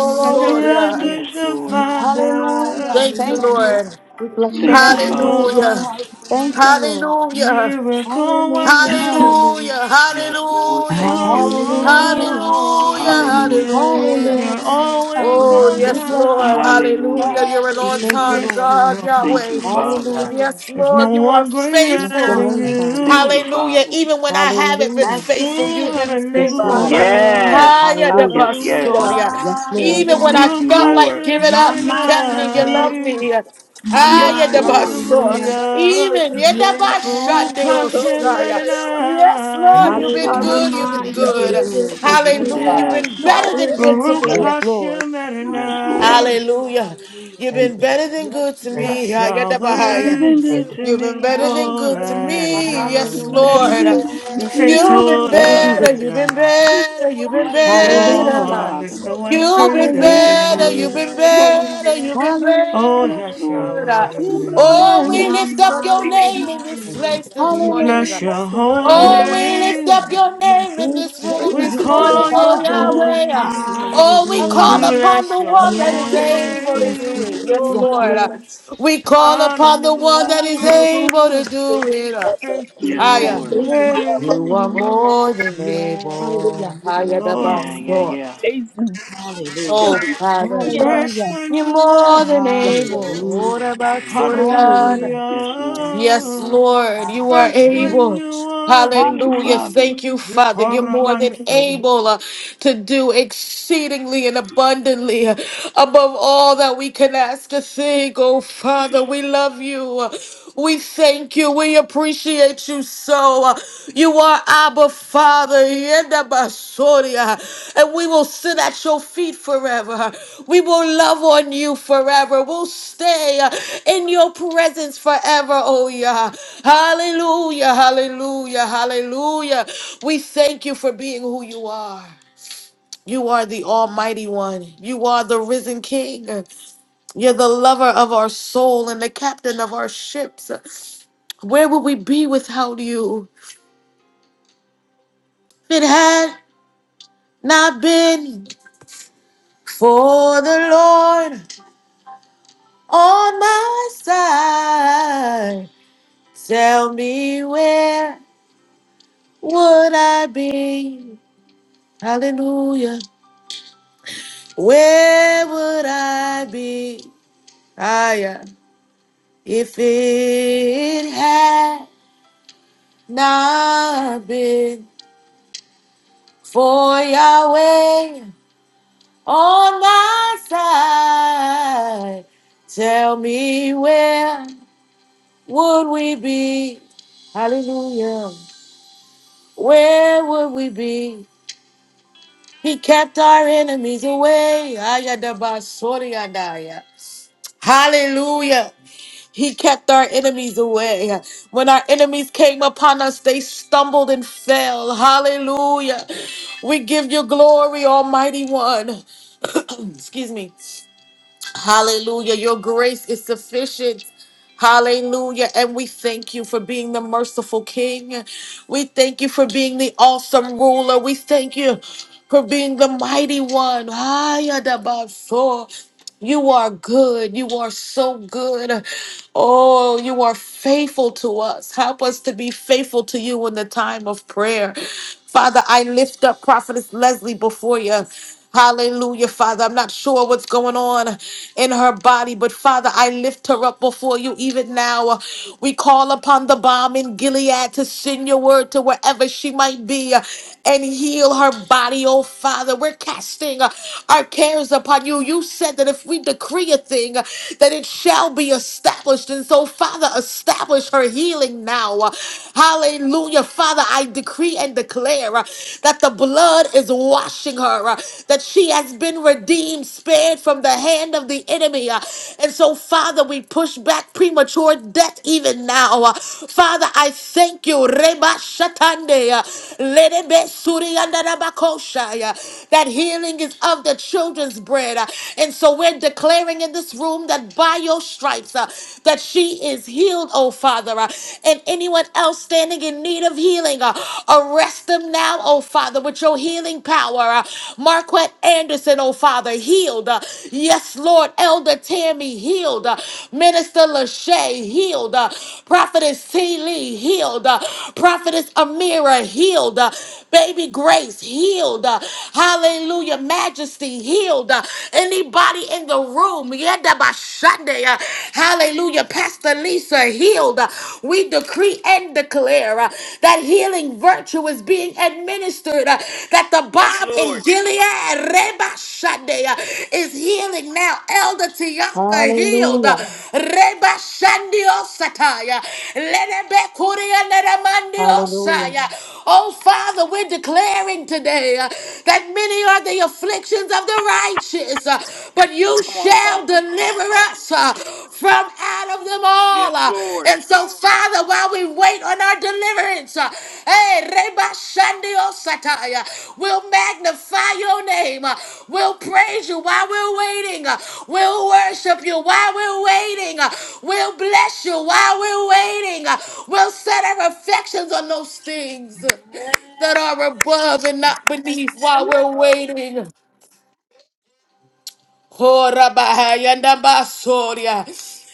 Speaker 3: you're such
Speaker 2: Lord,
Speaker 3: a
Speaker 2: we love
Speaker 3: good,
Speaker 4: Yes,
Speaker 2: you.
Speaker 3: good, good
Speaker 4: Lord.
Speaker 5: my mind,
Speaker 2: Hallelujah.
Speaker 3: father.
Speaker 1: Thank you,
Speaker 2: Thank you.
Speaker 5: hallelujah,
Speaker 1: Lord.
Speaker 2: We bless your
Speaker 4: Thank you,
Speaker 3: Yes, you
Speaker 2: name.
Speaker 4: Father.
Speaker 5: hallelujah,
Speaker 1: Hallelujah.
Speaker 3: are.
Speaker 2: Thank you,
Speaker 5: hallelujah,
Speaker 2: Lord.
Speaker 1: Hallelujah.
Speaker 3: Miracle
Speaker 2: Hallelujah,
Speaker 5: hallelujah,
Speaker 3: worker.
Speaker 5: yes,
Speaker 2: hallelujah.
Speaker 1: Hallelujah.
Speaker 4: Yes, Lord.
Speaker 1: Hallelujah.
Speaker 4: Thank you.
Speaker 5: hallelujah,
Speaker 2: Hallelujah,
Speaker 1: Hallelujah.
Speaker 3: Oh,
Speaker 4: Hallelujah.
Speaker 1: Hallelujah.
Speaker 3: you're
Speaker 2: hallelujah.
Speaker 3: always
Speaker 1: Oh,
Speaker 3: on
Speaker 2: We
Speaker 5: hallelujah,
Speaker 1: yes,
Speaker 2: bless your
Speaker 1: Lord.
Speaker 2: name.
Speaker 3: time.
Speaker 1: Hallelujah.
Speaker 4: Hallelujah.
Speaker 1: You're an
Speaker 2: We
Speaker 1: on
Speaker 2: thank you,
Speaker 5: hallelujah,
Speaker 1: time
Speaker 3: Yes,
Speaker 2: Lord.
Speaker 3: you
Speaker 1: God,
Speaker 4: Thank
Speaker 3: are.
Speaker 1: Yahweh.
Speaker 4: you, Father.
Speaker 7: God.
Speaker 2: Hallelujah.
Speaker 1: Yes,
Speaker 3: There's no
Speaker 1: Lord, you are
Speaker 3: one
Speaker 2: Bless
Speaker 3: greater
Speaker 2: your
Speaker 3: than
Speaker 1: faithful.
Speaker 2: name,
Speaker 7: Thank you.
Speaker 2: Father.
Speaker 4: Thank
Speaker 5: hallelujah,
Speaker 4: you,
Speaker 3: you.
Speaker 1: Hallelujah.
Speaker 4: Father.
Speaker 1: Even when I haven't been
Speaker 2: Hallelujah.
Speaker 5: that's
Speaker 1: faithful, you've
Speaker 5: it,
Speaker 1: been
Speaker 2: Yes, Lord.
Speaker 1: faithful.
Speaker 6: Father.
Speaker 3: Hallelujah.
Speaker 4: Yes.
Speaker 5: hallelujah,
Speaker 1: Higher than
Speaker 2: Hallelujah.
Speaker 4: Yes,
Speaker 1: my
Speaker 4: yes.
Speaker 6: Hallelujah.
Speaker 1: story.
Speaker 2: Yes, Lord.
Speaker 1: Even when
Speaker 5: hallelujah,
Speaker 4: Thank
Speaker 1: I
Speaker 4: you,
Speaker 3: Baruch
Speaker 1: felt
Speaker 4: Lord.
Speaker 1: like giving
Speaker 3: Hashem
Speaker 5: my
Speaker 1: up, you kept
Speaker 5: mind,
Speaker 1: me. You
Speaker 5: that's
Speaker 7: Thank you.
Speaker 5: it.
Speaker 1: love
Speaker 3: Adonai.
Speaker 1: me.
Speaker 5: My
Speaker 4: Yes,
Speaker 1: Higher
Speaker 5: mind,
Speaker 1: than my
Speaker 4: Lord.
Speaker 1: soul.
Speaker 5: hallelujah.
Speaker 3: Hallelujah.
Speaker 1: Even yeah, than
Speaker 6: Hallelujah.
Speaker 1: my
Speaker 3: Baruch
Speaker 1: Sunday, oh,
Speaker 5: Yes, you
Speaker 6: Oh,
Speaker 3: Hashem
Speaker 5: good.
Speaker 1: Messiah. Yes, Lord,
Speaker 4: Yes,
Speaker 1: you've
Speaker 3: Adonai.
Speaker 1: been
Speaker 5: My
Speaker 4: Lord.
Speaker 1: good. You've been
Speaker 2: Hallelujah.
Speaker 5: mind,
Speaker 6: Hallelujah.
Speaker 5: you've
Speaker 1: good.
Speaker 5: been good.
Speaker 2: Yes,
Speaker 5: Yes, you
Speaker 2: Lord.
Speaker 1: Hallelujah. You've
Speaker 3: Yerebesuraba.
Speaker 5: have.
Speaker 4: Yes.
Speaker 1: been better than good to
Speaker 5: Hallelujah.
Speaker 3: Baruch
Speaker 6: Hallelujah.
Speaker 2: Yes,
Speaker 1: me.
Speaker 2: Lord.
Speaker 3: Hashem
Speaker 4: Yes, Lord.
Speaker 3: Adonai.
Speaker 5: Hallelujah.
Speaker 1: Hallelujah.
Speaker 5: Hallelujah.
Speaker 1: You've
Speaker 7: Thank
Speaker 1: been
Speaker 7: you.
Speaker 1: better than
Speaker 5: Yes,
Speaker 1: good to
Speaker 5: you
Speaker 7: Thank you.
Speaker 5: have
Speaker 1: me.
Speaker 6: Hallelujah.
Speaker 5: been good and you've been
Speaker 4: Better
Speaker 1: Yadabahaya.
Speaker 3: Yahweh.
Speaker 4: than
Speaker 5: good.
Speaker 6: Yeah.
Speaker 4: good
Speaker 7: Thank you.
Speaker 4: to
Speaker 1: You've been better
Speaker 4: me.
Speaker 1: than good
Speaker 6: Thank
Speaker 1: to
Speaker 5: Hallelujah.
Speaker 3: Torah
Speaker 1: me. Yes,
Speaker 4: Better
Speaker 3: Adonai.
Speaker 1: Lord.
Speaker 4: than
Speaker 2: Hallelujah.
Speaker 4: good
Speaker 3: You
Speaker 4: to
Speaker 3: say
Speaker 1: You've
Speaker 5: Yes.
Speaker 4: me.
Speaker 1: been
Speaker 2: Better than
Speaker 3: Torah
Speaker 1: better.
Speaker 2: good to
Speaker 1: You've
Speaker 2: me.
Speaker 1: been
Speaker 3: Adonai.
Speaker 1: better. You've been
Speaker 4: Yes, Lord.
Speaker 5: Hallelujah.
Speaker 4: Thank you,
Speaker 2: Hallelujah.
Speaker 3: Oh,
Speaker 1: better.
Speaker 3: there's
Speaker 4: Father.
Speaker 3: no
Speaker 5: Hallelujah.
Speaker 3: one
Speaker 1: You've been
Speaker 3: greater
Speaker 4: Thank you,
Speaker 2: Hallelujah.
Speaker 3: than
Speaker 1: better,
Speaker 4: Father.
Speaker 1: you've
Speaker 3: you.
Speaker 1: been
Speaker 5: Yes, you
Speaker 1: better, you've
Speaker 5: have.
Speaker 1: been
Speaker 3: Oh,
Speaker 2: Hallelujah.
Speaker 4: Yes,
Speaker 1: better than
Speaker 3: yes,
Speaker 4: Lord.
Speaker 7: Thank you,
Speaker 1: good.
Speaker 7: God.
Speaker 2: You
Speaker 3: Yahweh.
Speaker 2: are
Speaker 1: Oh, we
Speaker 2: better.
Speaker 5: My
Speaker 1: lift up your
Speaker 5: mind,
Speaker 1: name in this
Speaker 7: Thank
Speaker 5: hallelujah.
Speaker 7: you.
Speaker 1: place this
Speaker 3: We
Speaker 5: Yes.
Speaker 1: morning.
Speaker 3: bless
Speaker 2: Hallelujah.
Speaker 3: your
Speaker 2: Yes,
Speaker 3: holy
Speaker 2: Lord.
Speaker 1: Oh, we
Speaker 5: Yes,
Speaker 1: lift up
Speaker 3: name.
Speaker 1: your name in
Speaker 2: We
Speaker 5: yes,
Speaker 1: this
Speaker 2: praise
Speaker 1: room
Speaker 5: yes.
Speaker 3: We
Speaker 1: this
Speaker 2: your
Speaker 1: morning,
Speaker 2: name,
Speaker 3: call
Speaker 5: Hallelujah.
Speaker 1: oh
Speaker 3: you
Speaker 2: Father. We thank
Speaker 1: Yahweh.
Speaker 2: you.
Speaker 3: holy.
Speaker 1: Oh, we
Speaker 3: We
Speaker 5: Hallelujah.
Speaker 1: call
Speaker 2: Hallelujah.
Speaker 1: upon
Speaker 3: bless
Speaker 1: the
Speaker 3: your
Speaker 1: one that is
Speaker 3: holy
Speaker 5: Yes,
Speaker 1: able to
Speaker 5: yes,
Speaker 1: do it.
Speaker 5: yes.
Speaker 1: Yes,
Speaker 2: Yes,
Speaker 1: Lord.
Speaker 2: Lord.
Speaker 3: name.
Speaker 1: We call upon the one that is
Speaker 5: Come
Speaker 3: Hallelujah.
Speaker 1: able to
Speaker 5: on.
Speaker 1: do it.
Speaker 3: Thank
Speaker 4: Yes,
Speaker 3: you,
Speaker 1: I am.
Speaker 4: Lord.
Speaker 5: Hallelujah.
Speaker 3: Yahweh.
Speaker 1: You are more than
Speaker 5: Yes,
Speaker 2: Hallelujah.
Speaker 1: able.
Speaker 5: yes.
Speaker 1: I am the
Speaker 4: Yeah,
Speaker 3: Glory.
Speaker 4: yeah,
Speaker 1: boss.
Speaker 4: yeah.
Speaker 6: you.
Speaker 5: Hallelujah.
Speaker 1: Oh, Father,
Speaker 6: Yeah.
Speaker 3: Fresh
Speaker 2: Hallelujah.
Speaker 3: when
Speaker 1: you're
Speaker 3: you
Speaker 1: more
Speaker 3: are.
Speaker 1: than
Speaker 2: Yes, Lord.
Speaker 1: able.
Speaker 5: Hallelujah. Hallelujah.
Speaker 1: Orabasoriana.
Speaker 2: Hallelujah.
Speaker 4: Yes, Lord.
Speaker 1: Yes,
Speaker 3: Hallelujah.
Speaker 1: Lord, you are
Speaker 3: Fresh when
Speaker 1: able.
Speaker 3: you are.
Speaker 4: Thank you,
Speaker 1: Hallelujah.
Speaker 2: Hallelujah.
Speaker 4: Father.
Speaker 1: Thank you,
Speaker 3: The
Speaker 1: Father. You're more than
Speaker 3: Coravanso.
Speaker 1: able uh, to do exceedingly and abundantly uh, above all that we can ask or think. Oh, Father, we love you. We thank you. We appreciate you so. Uh, You are Abba Father. Father, yenda basoria, and we will sit at your feet forever. We will love on you forever. We'll stay uh, in your presence forever, oh yeah. Hallelujah, hallelujah, hallelujah. We thank you for being who you are. You are the Almighty One. You are the risen King. You're the lover of our soul and the captain of our ships. Where would we be without you? If it had not been For the Lord on my side, tell me where would I be? Hallelujah. Where would I be? Ah, yeah. If it had not been for Yahweh on my side, tell me where would we be? Hallelujah. Where would we be? He kept our enemies away. Ayadabasoriadaya. Hallelujah. He kept our enemies away. When our enemies came upon us, they stumbled and fell. Hallelujah. We give you glory, Almighty One. Excuse me. Hallelujah. Your grace is sufficient. Hallelujah. And we thank you for being the merciful King. We thank you for being the awesome ruler. We thank you for being the mighty one. Ayadabaso. You are good. You are so good. Oh, you are faithful to us. Help us to be faithful to you in the time of prayer. Father, I lift up Prophetess Leslie before you. Hallelujah, Father. I'm not sure what's going on in her body, but Father, I lift her up before you even now. We call upon the bomb in Gilead to send your word to wherever she might be and heal her body, oh Father. We're casting our cares upon you. You said that if we decree a thing, uh, that it shall be established. And so, Father, establish her healing now. Uh, Hallelujah. Father, I decree and declare uh, that the blood is washing her, uh, that she has been redeemed, spared from the hand of the enemy. uh, And so, Father, we push back premature death even now. uh, Father, I thank you. Reba Shatande, uh, Lerebe Suri Andarabakosha, uh, That healing is of the children's bread head. Uh, And so we're declaring in this room that by your stripes, uh, that she is healed, oh Father. Uh, And anyone else standing in need of healing, uh, arrest them now, oh Father, with your healing power. Uh, Marquette Anderson, oh Father, healed. Uh, Yes, Lord. Elder Tammy, healed. Uh, Minister Lachey, healed. Uh, Prophetess T. Lee, healed. Uh, Prophetess Amira, healed. Uh, Baby Grace healed. Uh, hallelujah. Majesty healed. Uh, anybody in the room, yada by Sunday. Uh, hallelujah. Pastor Lisa healed. Uh, we decree and declare uh, that healing virtue is being administered. uh, that the
Speaker 4: Yes,
Speaker 1: Bob in
Speaker 4: Lord.
Speaker 1: Gilead, Reba Sunday, uh, is healing now. Elder Tianka healed.
Speaker 2: Hallelujah.
Speaker 1: Reba Shandio Sataya. Lenebe Kuria Neremandio
Speaker 2: Hallelujah.
Speaker 1: Saya. Oh Father, we're declaring today uh, that many are the afflictions of the righteous, uh, but you
Speaker 4: Come on,
Speaker 1: shall
Speaker 4: Apostle.
Speaker 1: deliver us uh, from out of them
Speaker 4: Yes,
Speaker 1: all. uh.
Speaker 4: Lord.
Speaker 1: And so, Father, while we wait on and our deliverance. Uh, Hey, Reba Shandio Sataya. We'll magnify your name. Uh, We'll praise you while we're waiting. Uh, We'll worship you while we're waiting. Uh, We'll bless you while we're waiting. Uh, We'll set our affections on those things that are above and not beneath while we're
Speaker 5: Woo.
Speaker 1: waiting. Korabahayanda basoria.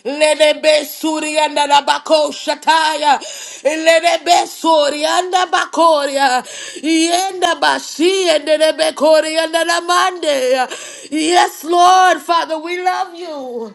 Speaker 1: Lenebe surianda rabako shataya. Lenebe surianda bakoria. Yenda bashi and lenebe korianda ramande. Yes, Lord, Father, we love you.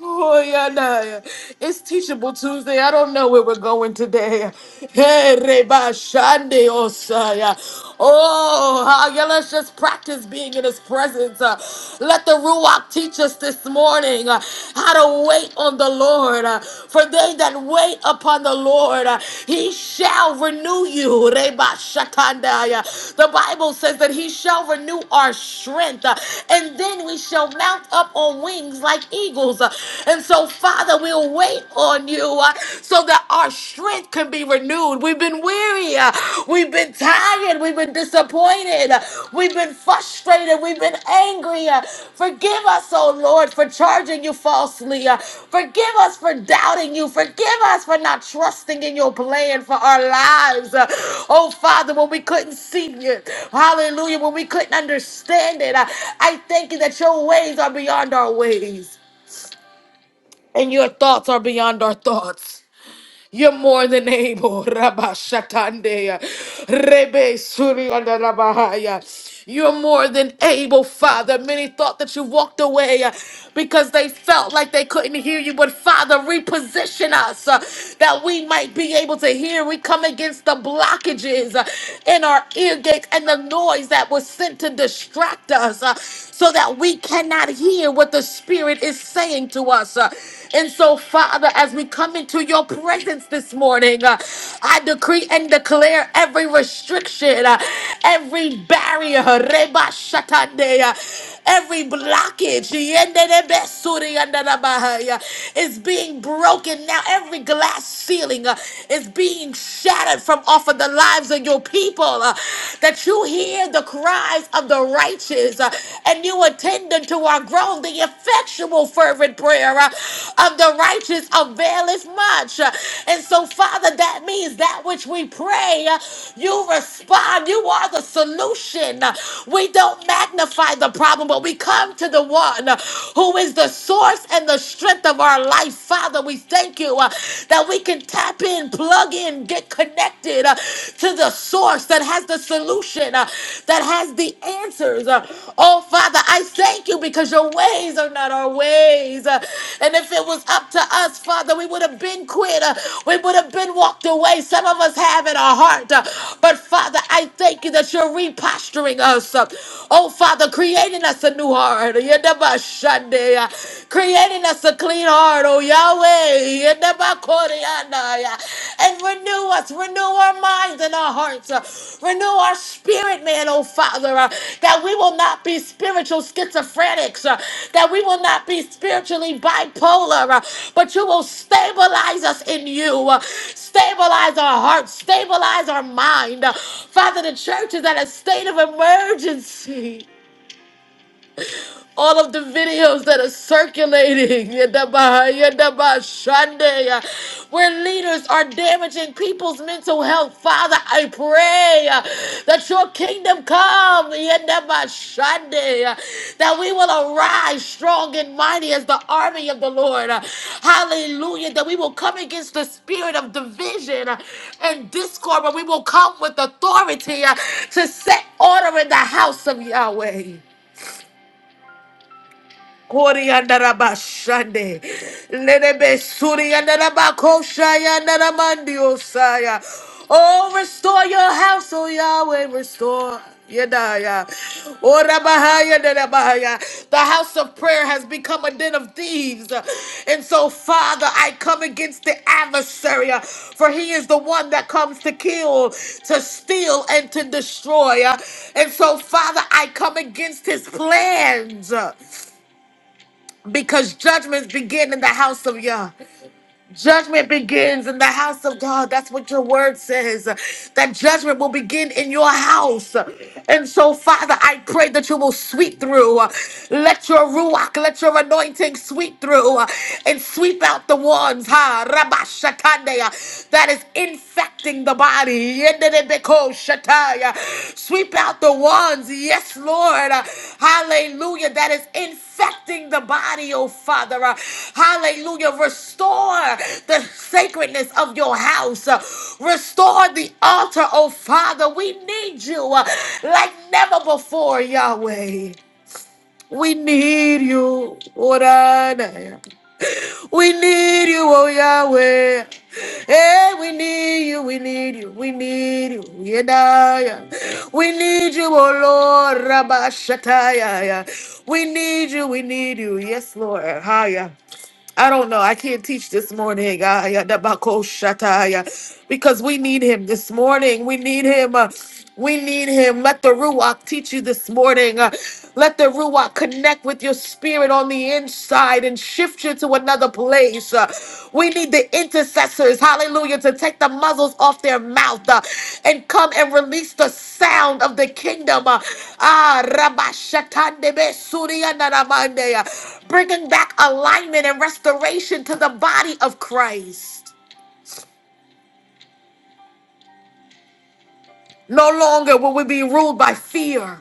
Speaker 1: Oh, yeah, nah, yeah. It's Teachable Tuesday. I don't know where we're going today. Hey, Reba Shande Osaya. Oh, ah, yeah, let's just practice being in His presence. Uh, let the Ruach teach us this morning uh, how to wait on the Lord. Uh, for they that wait upon the Lord, uh, He shall renew you. Reba shakandaya. The Bible says that He shall renew our strength, uh, and then we shall mount up on wings like eagles struggles. Uh, And so, Father, we'll wait on you uh, so that our strength can be renewed. We've been weary. uh, We've been tired. We've been disappointed. uh, We've been frustrated. We've been angry. uh, Forgive us, oh Lord, for charging you falsely. uh, Forgive us for doubting you. Forgive us for not trusting in your plan for our lives. uh, Oh, Father, when we couldn't see you, hallelujah, when we couldn't understand it, uh, I thank you that your ways are beyond our ways and your thoughts are beyond our thoughts. You're more than able, Rabba Shatandeya, Rebe Surianda Rabahaya. You're more than able, Father. Many thought that you walked away uh, because they felt like they couldn't hear you. But Father, reposition us uh, that we might be able to hear. We come against the blockages uh, in our ear gates and the noise that was sent to distract us uh, so that we cannot hear what the Spirit is saying to us. uh. And so, Father, as we come into your presence this morning, uh, I decree and declare every restriction, uh, every barrier, reba shatande, uh, every blockage yendelebe suri yandarabahai, uh, is being broken now. Every glass ceiling uh, is being shattered from off of the lives of your people. uh, that you hear the cries of the righteous churches, uh, and you attended to our groan, the effectual fervent prayer uh, of the righteous availeth much. Uh, And so, Father, that means that which we pray, uh, you respond. You are the solution. Uh, We don't magnify the problem, but we come to the one uh, who is the source and the strength of our life. Father, we thank you uh, that we can tap in, plug in, get connected connected uh, to the source that has the solution, uh, that has the answers. uh. oh, Father, I thank you because your ways are not our ways. uh. and if it was up to us, Father, we would have been quit. uh. we would have been walked away. Some of us have in our heart. uh. but Father, I thank you that you're reposturing us. uh. oh, Father, creating us a new heart. Yedabashande, uh, Creating us a clean heart heart, oh Yahweh, Yedabakorianaya. and renew us, renew our minds and our hearts, uh, renew our spirit, man, oh Father, uh, that we will not be spiritual schizophrenics, uh, that we will not be spiritually bipolar, uh, but you will stabilize us in you, uh, stabilize our hearts, stabilize our mind. Uh, Father, the church is at a state of emergency all of the videos that are circulating, Yadaba, Yadaba, Shande, yeah. where leaders are damaging people's mental health. Father, I pray uh, that your kingdom come, Yadaba, Shande, uh, that we will arise strong and mighty as the army of the Lord. Uh, Hallelujah, that we will come against the spirit of division uh, and discord, but we will come with authority uh, to set order in the house of Yahweh. Kori andaraba shande. Lenebe suri andaraba kosha yandaramandi osaya. Oh, restore your house, oh Yahweh, restore. Yedaya. Ora bahaya dada bahaya. The house of prayer has become a den of thieves. And so, Father, I come against the adversary, for he is the one that comes to kill, to steal, and to destroy. And so, Father, I come against his plans because judgments begin in the house of Yah. Judgment begins in the house of God. That's what your word says. That judgment will begin in your house. And so, Father, I pray that you will sweep through. Let your ruach, let your anointing sweep through and sweep out the ones, ha, Rabba Shakandaya, that is infecting the body. Rebeko Shataya. Sweep out the ones, yes, Lord. Uh, Hallelujah. That is infecting the body, oh Father. Uh, Hallelujah. Restore the sacredness of your house. Uh, Restore the altar, oh Father. We need you uh, like never before, Yahweh. We need you, Oranaya. We need you, oh Yahweh. Hey, we need you, we need you, we need you, Yedaya. We need you, oh Lord, Rabashataya. We need you, we need you, yes, Lord, Haya. I don't know. I can't teach this morning. Ah, yeah, that back, oh, shut eye, yeah. Because we need him this morning. We need him. uh, we need him. Let the Ruach teach you this morning. Uh, let the Ruach connect with your spirit on the inside and shift you to another place. Uh, we need the intercessors, hallelujah, to take the muzzles off their mouth uh, and come and release the sound of the kingdom. uh, ah, Rabashatandebe Suriyandaramande, uh, Bringing back alignment and restoration to the body of Christ. No longer will we be ruled by fear.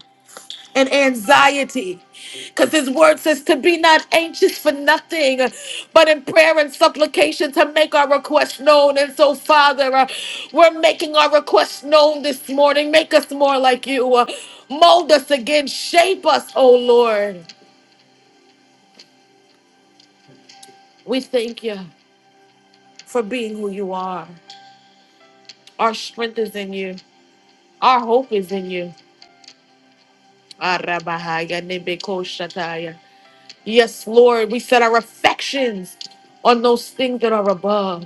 Speaker 1: and anxiety. Because his word says to be not anxious for nothing, but in prayer and supplication to make our request known. And so, Father, uh, we're making our request known this morning. Make us more like you. Uh, mold us again. Shape us, oh Lord. We thank you for being who you are. Our strength is in you, our hope is in you. Arabahaya nebekoshataya. Yes, Lord, we set our affections on those things that are above.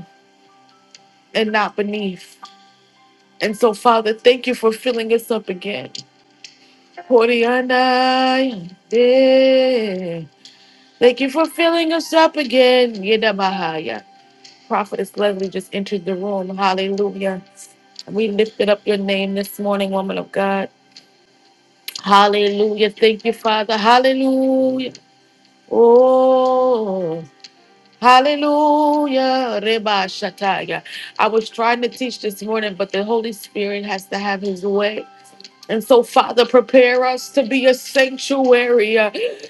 Speaker 1: and not beneath. And so, Father, thank you for filling us up again. Koryandai, yeah. Thank you for filling us up again. Yedabahaya. Prophetess Leslie just entered the room. Hallelujah. We lifted up your name this morning, woman of God. Hallelujah. Thank you, Father. Hallelujah. Oh. Hallelujah. Reba Shataya. I was trying to teach this morning, but the Holy Spirit has to have his way. And so, Father, prepare us to be a sanctuary.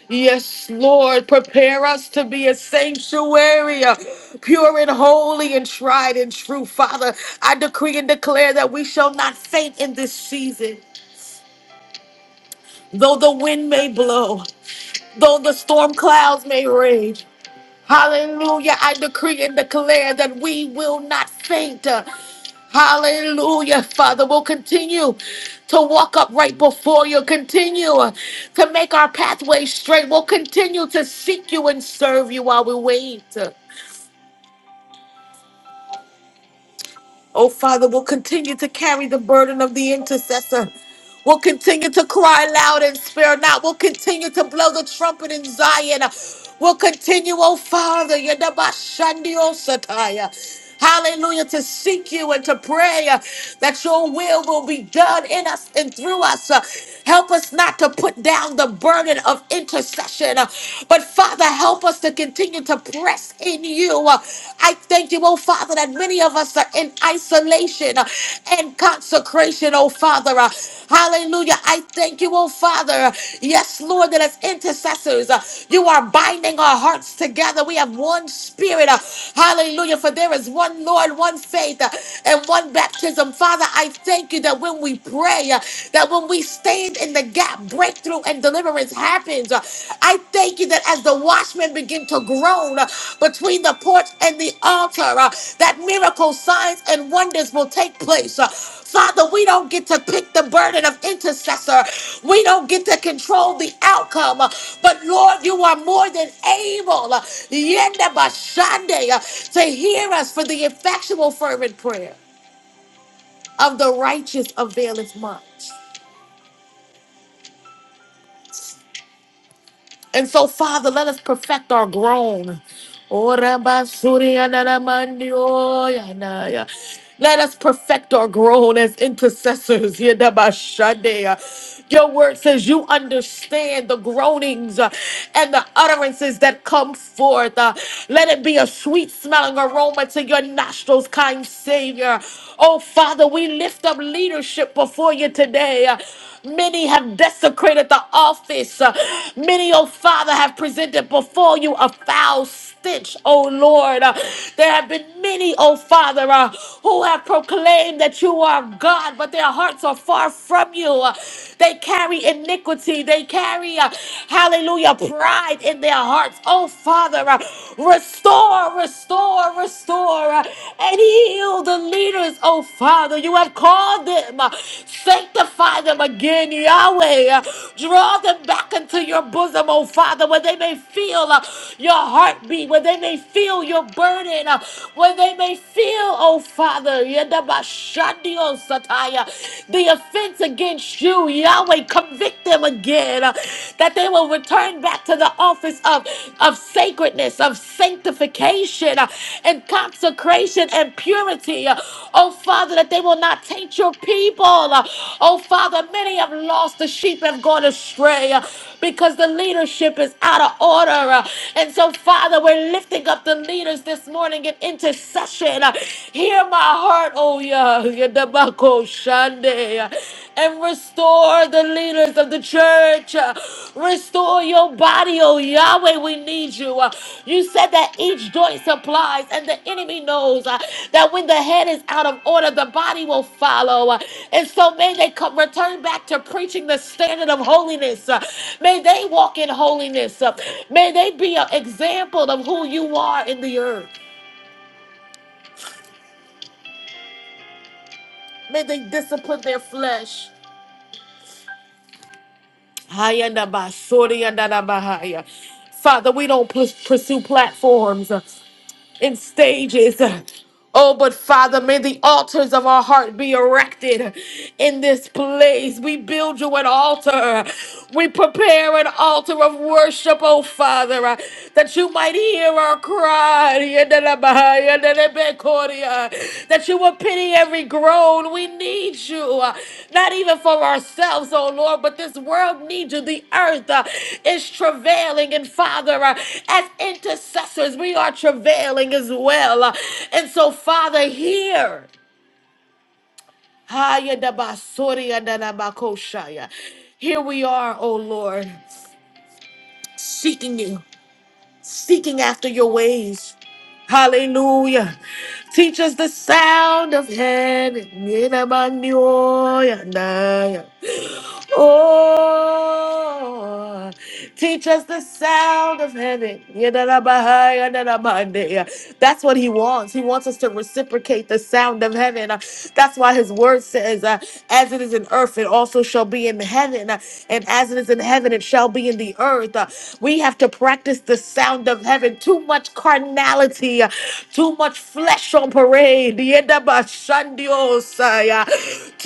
Speaker 1: Yes, Lord, prepare us to be a sanctuary, pure and holy and tried and true. Father, I decree and declare that we shall not faint in this season, though the wind may blow, though the storm clouds may rage. Hallelujah. I decree and declare that we will not faint. Hallelujah. Father, we'll continue to walk up right before you, continue to make our pathway straight. We'll continue to seek you and serve you while we wait. Oh, Father, we'll continue to carry the burden of the intercessor. We'll continue to cry loud and spare not. We'll continue to blow the trumpet in Zion. We'll continue, oh Father, Yadabashandiosataya. hallelujah, to seek you and to pray uh, that your will will be done in us and through us. Uh, Help us not to put down the burden of intercession, uh, but Father, help us to continue continue to press in you. Uh, I thank you, oh Father, that many of us are in isolation uh, and consecration, oh Father. Uh, Hallelujah. I thank you, oh Father. Yes, Lord, that as intercessors, uh, you are binding our hearts together. We have one spirit. uh, Hallelujah. For there is one Lord, one faith, uh, and one baptism. Father, I thank you that when we pray, uh, that when we stand in the gap, breakthrough and deliverance happens. Uh, I thank you that as the watchmen begin to groan uh, between the porch and the altar, uh, that miracles, signs, and wonders will take place. Uh, Father, we don't get to pick the burden of intercessor. We don't get to control the outcome. Uh, But Lord, you are more than able uh, yenda bashande, uh, to hear us for the effectual, fervent prayer of the righteous availeth much. And so, Father, let us perfect our groan. Ora basuri anara mandi oyanaya. Let us perfect our groan as intercessors. Yeda bashadea. Your word says you understand the groanings uh, and the utterances that come forth. Uh, Let it be a sweet smelling aroma to your nostrils, kind Savior. Oh, Father, we lift up leadership before you today. Uh, Many have desecrated the office. Uh, Many, oh Father, have presented before you a foul stench, oh Lord. Uh, There have been many, oh Father, uh, who have proclaimed that you are God, but their hearts are far from you. Uh, They carry iniquity. They carry, uh, hallelujah, pride in their hearts. Oh Father, uh, restore, restore, restore. uh, and heal the leaders, oh Father. You have called them, sanctify them again, Yahweh. Uh, Draw them back into your bosom, oh Father, where they may feel uh, your heartbeat, where they may feel your burden, uh, where they may feel, oh Father, Yedabashandio Sataya, the offense against you, Yahweh. Convict them again, uh, that they will return back to into the office of, of sacredness, of sanctification, uh, and consecration and purity. Uh, Oh, Father, that they will not taint your people. Uh, Oh, Father, many have lost the sheep have gone astray uh, because the leadership is out of order. uh, And so, Father, we're lifting up the leaders this morning in intercession. uh, Hear my heart, oh, yeah and restore the leaders of the church. Restore your body, oh Yahweh. We need you. You said that each joint supplies, and the enemy knows uh, that when the head is out of order, the body will follow. Uh, And so may they come return back to preaching the standard of holiness. Uh, May they walk in holiness. Uh, May they be an example of who you are in the earth. May they discipline their flesh. Hayanda ba, sori yanda da ba haya. Father, we don't pus- pursue platforms uh, and stages. uh, Oh, but Father, may the altars of our heart be erected in this place. We build you an altar. We prepare an altar of worship, oh Father, uh, that you might hear our cry. That you will pity every groan. We need you, uh, not even for ourselves, oh Lord, but this world needs you. The earth uh, is travailing, and Father, uh, as intercessors, we are travailing as well. Uh, and so, Father, hear. Haya da basori ya da da bakoshaya. Here we are, oh Lord, seeking you. seeking after your ways. Hallelujah. Teach us the sound of heaven. Oh, teach us the sound of heaven. That's what he wants. He wants us to reciprocate the sound of heaven. Uh, That's why his word says, uh, as it is in earth, it also shall be in heaven heaven, uh, and as it is in heaven, it shall be in the earth. Uh, We have to practice the sound of heaven. Too much carnality, uh, too much flesh on parade. Yedabashandiosai, uh,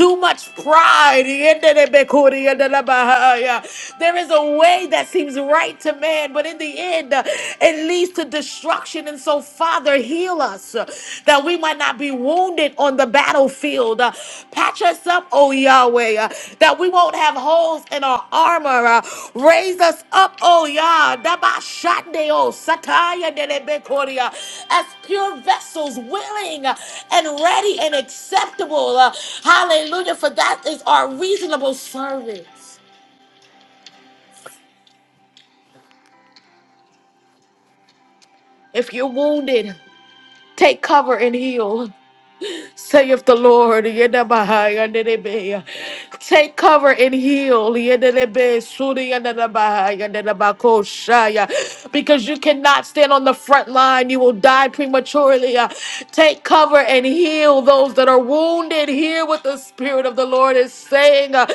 Speaker 1: Too much pride. Yedebekuriyadelabahai, uh, There is a way that seems right to man, but in the end, uh, it leads to destruction. And so, Father, heal us uh, that we might not be wounded on the battlefield. Uh, Patch us up, O Yahweh, uh, that we won't have holes in our armor. Uh, Raise us up, O Yah, Dabashandeo, Sataya Delebekoria, as pure vessels, willing uh, and ready and acceptable. Uh, Hallelujah, for that is our reasonable service. If you're wounded, take cover and heal. saith the Lord. Yedabahai Take cover and heal. Yededebe, sudi Because you cannot stand on the front line. You will die prematurely. Uh, Take cover and heal those that are wounded. Here with the Spirit of the Lord is saying, uh,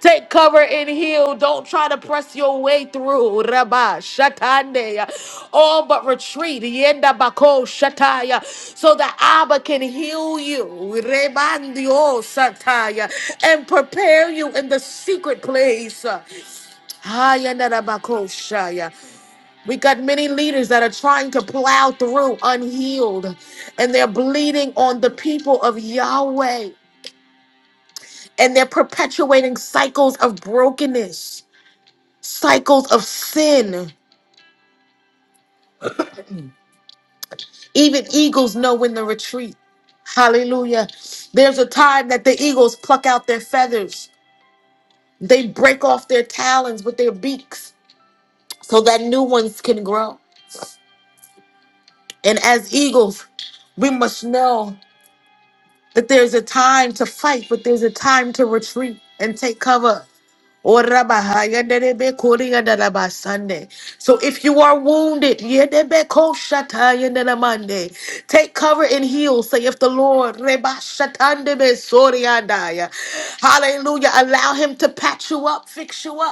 Speaker 1: take cover and heal. Don't try to press your way through. Rabba Shatande. All but retreat. Yenda Bako Shataya. So that Abba can heal you. Rebandio Sataya. And prepare you in the secret place. Hayana Rabako Shaya. We got many leaders that are trying to plow through unhealed and they're bleeding on the people of Yahweh and they're perpetuating cycles of brokenness, cycles of sin. Even eagles know when to retreat. Hallelujah. There's a time that the eagles pluck out their feathers, they break off their talons with their beaks so that new ones can grow. And as eagles, we must know that there's a time to fight, but there's a time to retreat and take cover. Orabaha, yandere kori ba Sunday. So if you are wounded, yedebe koshata yandere Monday. take cover and heal, saith the Lord. Reba shatande be sori yandaya. Hallelujah. Allow him to patch you up, fix you up.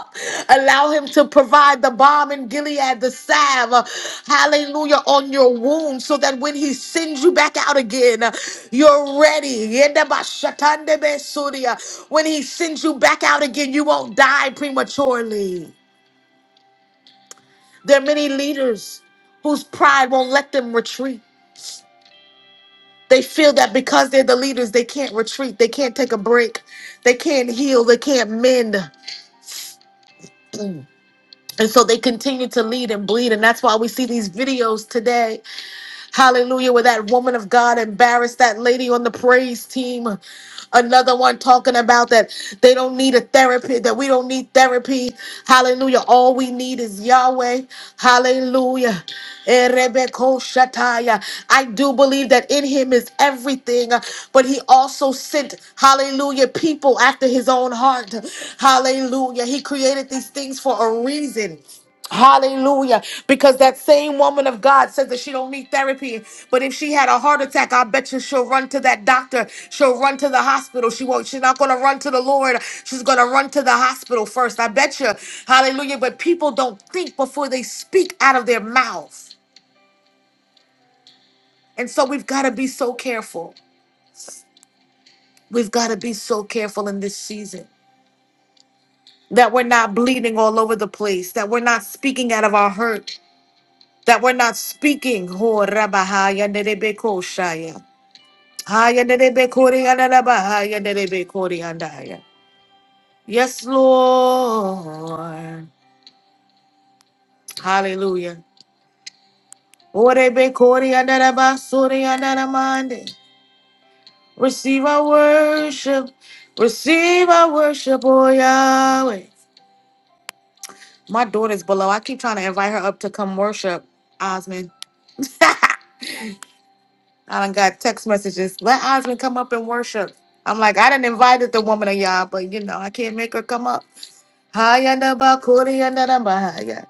Speaker 1: Allow him to provide the balm in Gilead, the salve, uh, hallelujah, on your wound so that when he sends you back out again, uh, you're ready. Yedabashatandebesuriya. When he sends you back out again, you won't die prematurely. There are many leaders whose pride won't let them retreat. They feel that because they're the leaders, they can't retreat, they can't take a break, they can't heal, they can't mend. And so they continue to lead and bleed. And that's why we see these videos today Hallelujah. Where that woman of God embarrassed that lady on the praise team. Another one talking about that they don't need a therapy, that we don't need therapy. Hallelujah. All we need is Yahweh. Hallelujah. Erebekoshataya. I do believe that in him is everything, but he also sent, hallelujah, people after his own heart. Hallelujah. He created these things for a reason. Hallelujah. Because that same woman of God says that she don't need therapy. But if she had a heart attack, I bet you she'll run to that doctor. She'll run to the hospital. She won't, she's not gonna run to the Lord. She's gonna run to the hospital first. I bet you. Hallelujah. But people don't think before they speak out of their mouth. And so we've got to be so careful. We've got to be so careful in this season that we're not bleeding all over the place, that we're not speaking out of our hurt, that we're not speaking. Ho rabahaya nerebe koshaya. Haya nerebe anarabahaya nerebe andaya. Yes, Lord. Hallelujah. Orebe kori anaramande. Receive our worship. Receive our worship, O Yahweh. My daughter's below. I keep trying to invite her up to come worship, Osmond. I done got text messages. Let Osmond come up and worship. I'm like, I didn't invited the woman of y'all, but you know, I can't make her come up. Hayanda bakuri yanda da bahaya.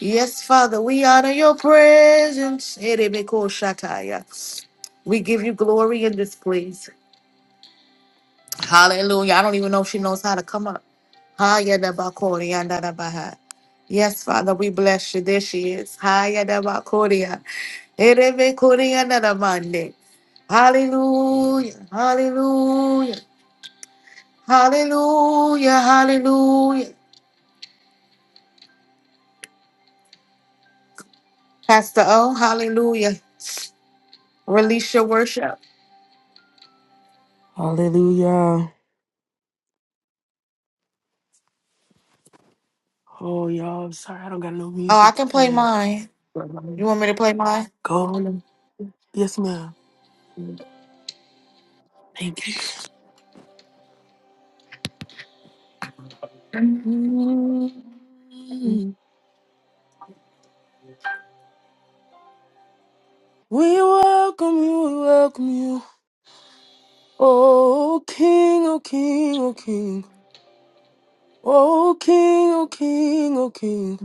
Speaker 1: Yes, Father, we honor your presence. Erebeko shataya. We give you glory in this place. Hallelujah. I don't even know if she knows how to come up. Haya da bakori yanda da baha. Yes, Father, we bless you. There she is. Haya da bakoria. Erebe kori yanda da mande. Hallelujah. Hallelujah. Hallelujah. Hallelujah. Pastor O, hallelujah. Release your worship.
Speaker 8: Hallelujah. Oh, y'all, I'm sorry I don't got no
Speaker 1: Oh, I
Speaker 8: music
Speaker 1: can play
Speaker 8: today.
Speaker 1: mine.
Speaker 8: But
Speaker 1: You
Speaker 8: I'm
Speaker 1: want me to play mine?
Speaker 8: going. to- Yes, ma'am. Thank you. Mm. We welcome you, we welcome you. Oh, King, oh, King, oh, King. Oh, King, oh, King, oh, King.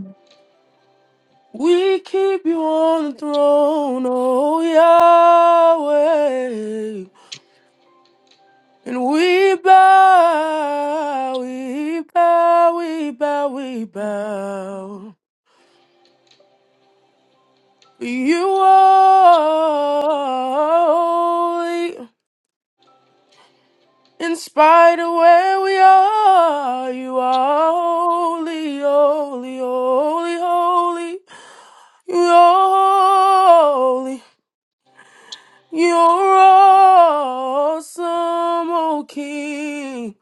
Speaker 8: We keep you on the throne, oh, Yahweh. And we bow, we bow, we bow, we bow. For you are holy. In spite of where we are, you are holy, holy, holy, holy. You're holy. You're awesome, O King.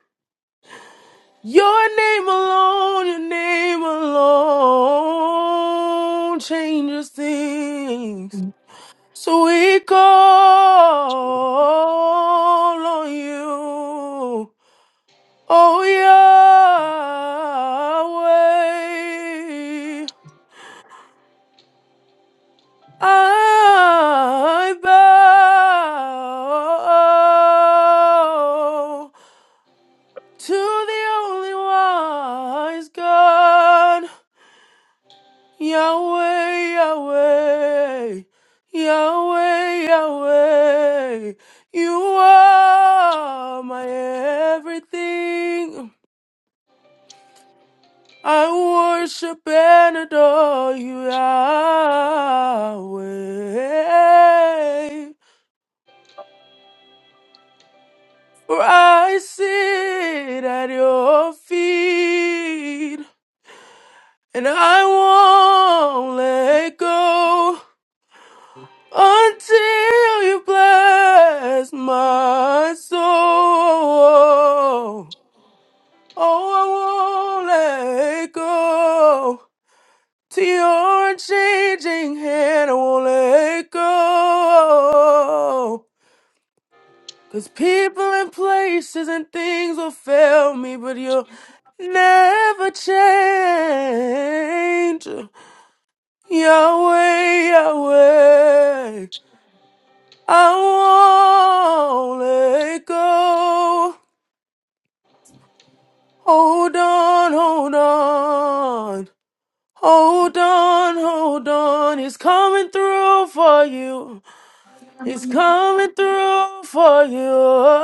Speaker 8: Your name alone, your name alone changes things. So we call on you, oh Yahweh. I bow to the only wise God. Yahweh, Yahweh, Yahweh, Yahweh, you are my everything. I worship and adore you, Yahweh. For I sit at your feet, and I won't let go. until you bless my soul. Oh, I won't let go. To your unchanging hand, I won't let go. Cause people and places and things will fail me, but you'll never change. Yahweh, Yahweh. I won't let go. Hold on, hold on. Hold on, hold on. He's coming through for you. He's coming through for you.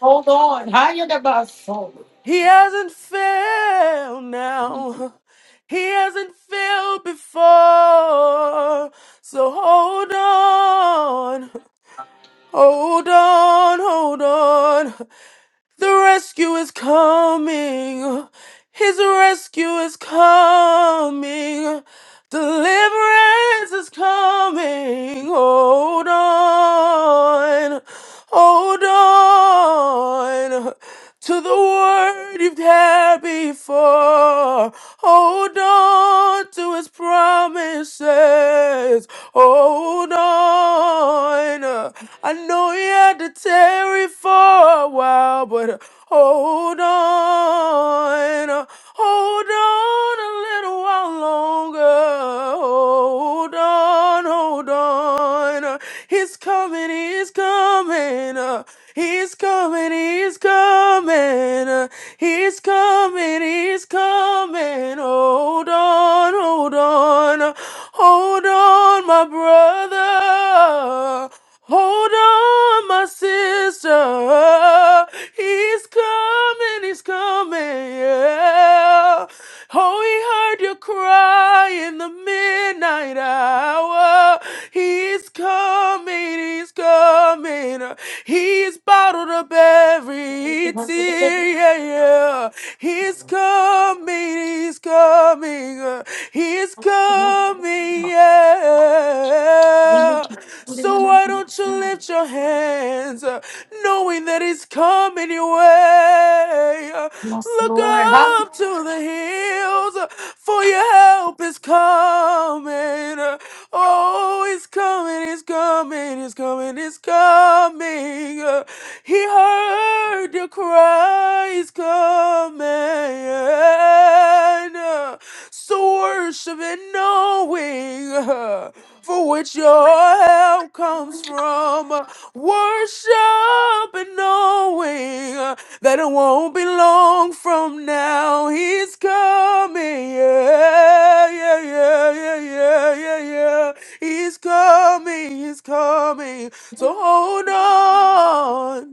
Speaker 1: Hold on. Haya da baso.
Speaker 8: He hasn't failed now. He hasn't failed before. So hold on. Hold on, hold on. The rescue is coming. His rescue is coming. Deliverance is coming. Hold on. Hold on to the word you've had before. Hold on to his promises. Hold on. I know you had to tarry for a while, but hold on. Hold on a little while longer. Hold on, hold on. He's coming, he's coming. He's coming, he's coming. He's coming, he's coming. Hold on, hold on. Hold on, my brother. Hold on, my sister. He's coming, he's coming, yeah. Oh, he heard you cry in the midnight hour. He's coming, he's coming coming. He's bottled up every tear. Yeah, yeah. He's coming. He's coming. He's coming. Yeah. So why don't you lift your hands, uh, knowing that He's coming your way? Uh, Look up to the hills, uh, for your help is coming. Uh, Oh, He's coming it's coming, it's coming, it's coming. Uh, He heard the cry, it's coming. Uh, So worship and knowing uh, for which your help comes from. Uh, Worship and knowing uh, that it won't be long from now. He's coming. Yeah, yeah, yeah, yeah, yeah, yeah, yeah. He's coming, he's coming. So hold on.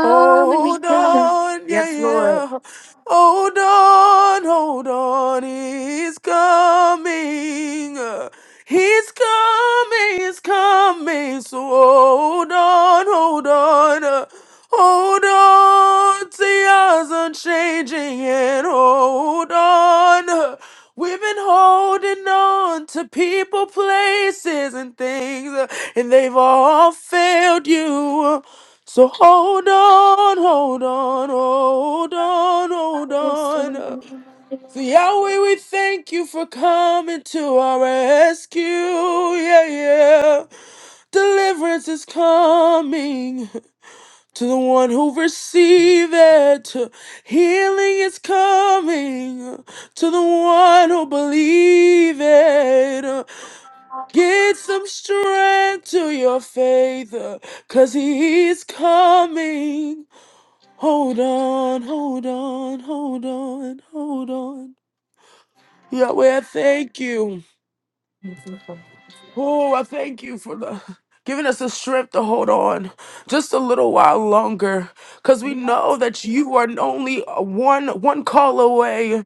Speaker 8: Hold on, yeah, yeah. Hold on, hold on. He's coming. He's coming, he's coming. So hold on, hold on. Hold on, tears unchanging and hold on. We've been holding on to people, places, and things, and they've all failed you. So hold on, hold on, hold on, hold on. So Yahweh, we thank you for coming to our rescue. Yeah, yeah. Deliverance is coming to the one who receive it. Healing is coming to the one who believe it. Get some strength to your faith, cause he is coming. Hold on, hold on, hold on, hold on. Yahweh, I thank you. Oh, I thank you for the giving us the strength to hold on just a little while longer. Cause we know that you are only one one call away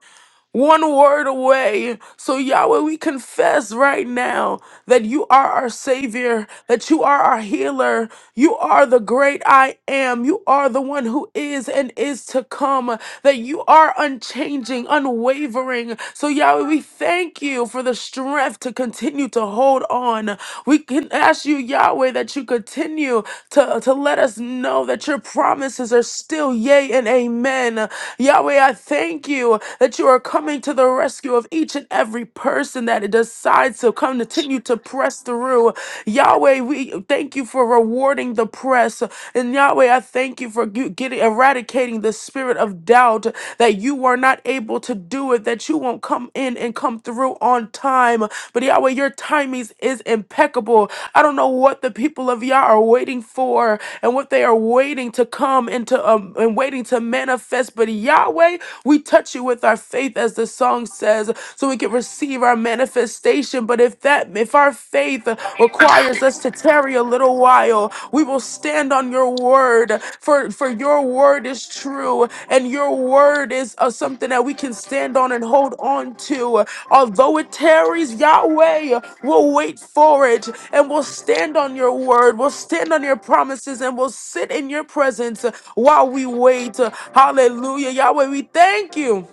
Speaker 8: one word away. So, Yahweh, we confess right now that you are our Savior, that you are our healer, you are the great I am, you are the one who is and is to come, that you are unchanging, unwavering. So, Yahweh, we thank you for the strength to continue to hold on. We can ask you, Yahweh, that you continue to, to let us know that your promises promises are still yea and amen. Yahweh, I thank you that you are coming to the rescue of each and every person that decides to come continue to press through. Yahweh, we thank you for rewarding the press. And Yahweh, I thank you for you getting eradicating the spirit of doubt that you are not able to do it, that you won't come in and come through on time. But Yahweh, your timing is impeccable don't know what the people of Yah are waiting for and what they are waiting to come into um, and waiting to manifest. But Yahweh, we touch you with our faith, as the song says, so we can receive our manifestation. But if that, if our faith requires us to tarry a little while, we will stand on your word, for for your word is true, and your word is uh, something that we can stand on and hold on to. Although it tarries, Yahweh will wait for it and will stand on your word, will stand on your promises, and will sit in your presence while we wait. Hallelujah. Yahweh, we thank you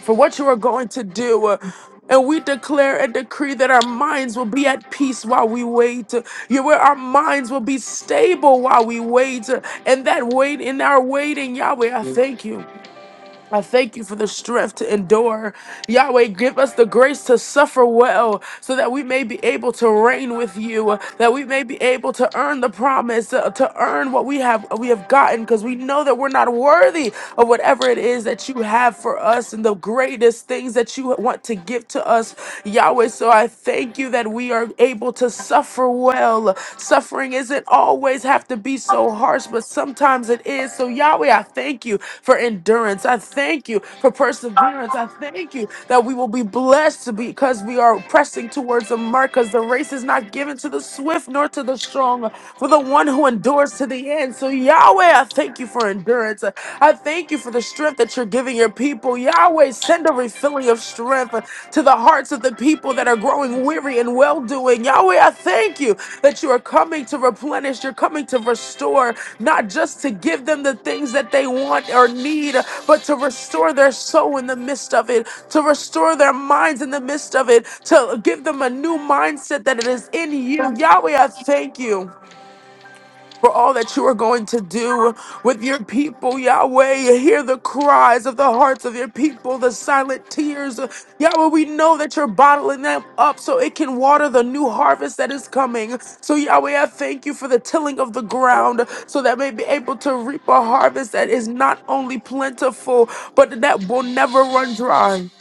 Speaker 8: for what you are going to do. And we declare and decree that our minds will be at peace while we wait. You where our minds will be stable while we wait. And that wait in our waiting, Yahweh, I thank you. I thank you for the strength to endure. Yahweh, give us the grace to suffer well so that we may be able to reign with you, that we may be able to earn the promise, uh, to earn what we have we have gotten because we know that we're not worthy of whatever it is that you have for us and the greatest things that you want to give to us, Yahweh. So I thank you that we are able to suffer well. Suffering isn't always have to be so harsh, but sometimes it is. So Yahweh, I thank you for endurance. I thank you for perseverance. I thank you that we will be blessed to be- because we are pressing towards the mark because the race is not given to the swift nor to the strong, for the one who endures to the end. So, Yahweh, I thank you for endurance. I thank you for the strength that you're giving your people. Yahweh, send a refilling of strength to the hearts of the people that are growing weary and well doing. Yahweh, I thank you that you are coming to replenish, you're coming to restore, not just to give them the things that they want or need, but to restore their soul in the midst of it, to restore their minds in the midst of it, to give them a new mindset that it is in you. Yahweh, I thank you for all that you are going to do with your people, Yahweh. Hear the cries of the hearts of your people, the silent tears. Yahweh, we know that you're bottling them up so it can water the new harvest that is coming. So, Yahweh, I thank you for the tilling of the ground so that may be able to reap a harvest that is not only plentiful, but that will never run dry.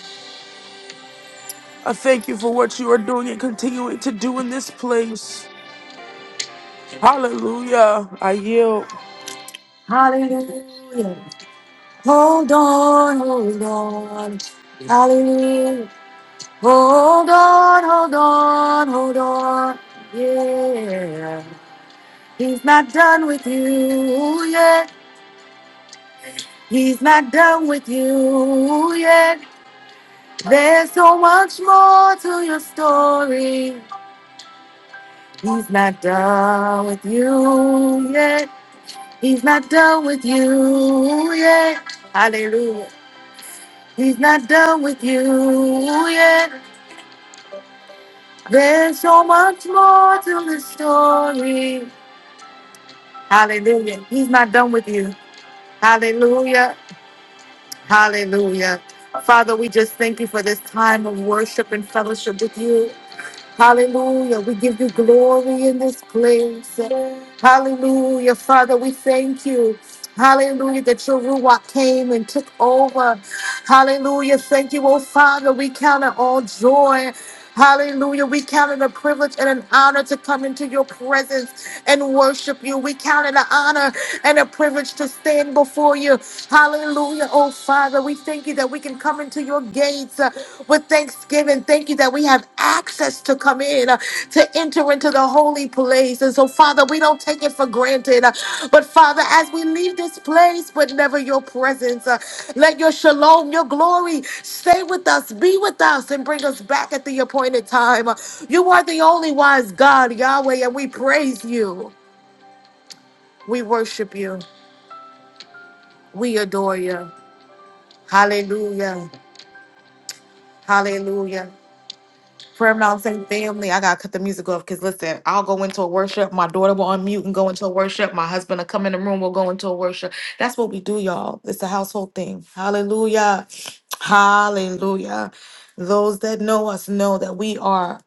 Speaker 8: I thank you for what you are doing and continuing to do in this place. Hallelujah. I yield.
Speaker 1: Hallelujah. Hold on, hold on. Hallelujah. Hold on, hold on, hold on. Yeah. He's not done with you yet. He's not done with you yet. There's so much more to your story. He's not done with you yet. He's not done with you yet. Hallelujah. He's not done with you yet. There's so much more to the story. Hallelujah. He's not done with you. Hallelujah. Hallelujah. Father, we just thank you for this time of worship and fellowship with you. Hallelujah. We give you glory in this place. Hallelujah. Father, we thank you. Hallelujah. That your Ruach came and took over. Hallelujah. Thank you, oh Father. We count it all joy. Hallelujah. We count it a privilege and an honor to come into your presence and worship you. We count it an honor and a privilege to stand before you. Hallelujah. Oh Father, we thank you that we can come into your gates uh, with thanksgiving. Thank you that we have access to come in, uh, to enter into the holy place. And so, Father, we don't take it for granted. Uh, but, Father, as we leave this place, but never your presence, uh, let your shalom, your glory stay with us, be with us, and bring us back at the appointed time. Uh, you are the only wise God, Yahweh, and we praise you. We worship you. We adore you. Hallelujah. Hallelujah. Prayer Mountain family, I gotta cut the music off because listen, I'll go into a worship. My daughter will unmute and go into a worship. My husband will come in the room, we'll go into a worship. That's what we do, y'all. It's a household thing. Hallelujah. Hallelujah. Those that know us know that we are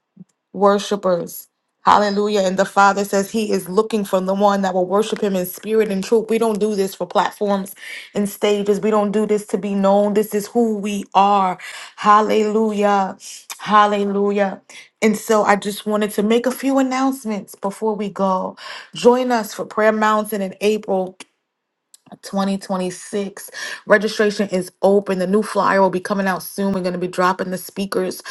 Speaker 1: worshipers. Hallelujah. And the Father says He is looking for the one that will worship Him in spirit and truth. We don't do this for platforms and stages. We don't do this to be known. This is who we are. Hallelujah. Hallelujah. And so I just wanted to make a few announcements before we go. Join us for Prayer Mountain in April. 2026. Registration is open. The new flyer will be coming out soon. We're going to be dropping the speakers.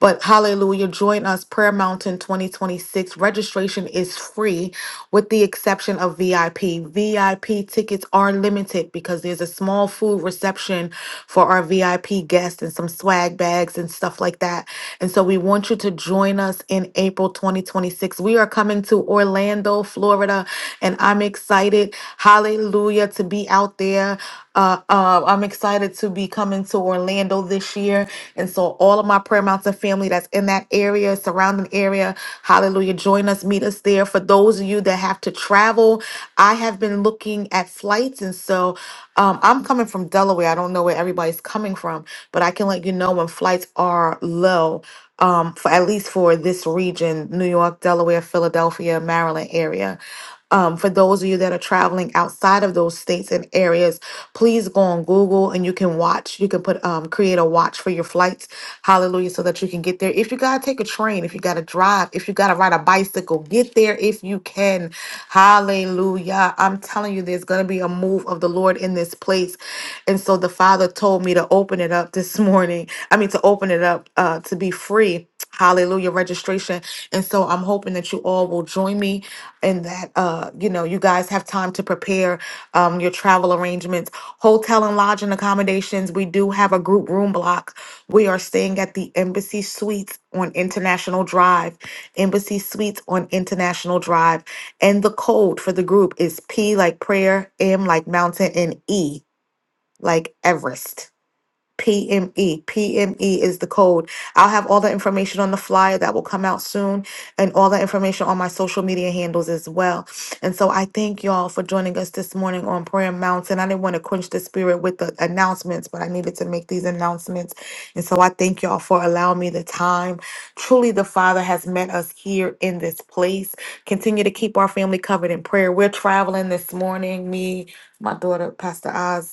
Speaker 1: But hallelujah, join us, Prayer Mountain 2026. Registration is free with the exception of VIP. VIP tickets are limited because there's a small food reception for our VIP guests and some swag bags and stuff like that. And so we want you to join us in April 2026. We are coming to Orlando, Florida and I'm excited, hallelujah, to be out there. Uh, uh, I'm excited to be coming to Orlando this year. And so, all of my Prayer Mountain family that's in that area, surrounding area, hallelujah, join us, meet us there. For those of you that have to travel, I have been looking at flights. And so, um, I'm coming from Delaware. I don't know where everybody's coming from, but I can let you know when flights are low um, for at least for this region, New York, Delaware, Philadelphia, Maryland area. Um, for those of you that are traveling outside of those states and areas, please go on Google and you can watch. You can put um, create a watch for your flights Hallelujah. So that you can get there. If you got to take a train, if you got to drive, if you got to ride a bicycle, get there if you can. Hallelujah. I'm telling you, there's going to be a move of the Lord in this place. And so the Father told me to open it up this morning. I mean, to open it up uh, to be free. Hallelujah registration. And so I'm hoping that you all will join me and that uh you know you guys have time to prepare um your travel arrangements, hotel and lodging accommodations. We do have a group room block we are staying at the Embassy Suites on International Drive. Embassy Suites on International Drive. And the code for the group is P like prayer, M like mountain, and E like Everest. PME. PME is the code. I'll have all the information on the flyer that will come out soon and all the information on my social media handles as well. And so I thank y'all for joining us this morning on Prayer Mountain. I didn't want to quench the spirit with the announcements, but I needed to make these announcements. And so I thank y'all for allowing me the time. Truly, the Father has met us here in this place. Continue to keep our family covered in prayer. We're traveling this morning, me, my daughter, Pastor Oz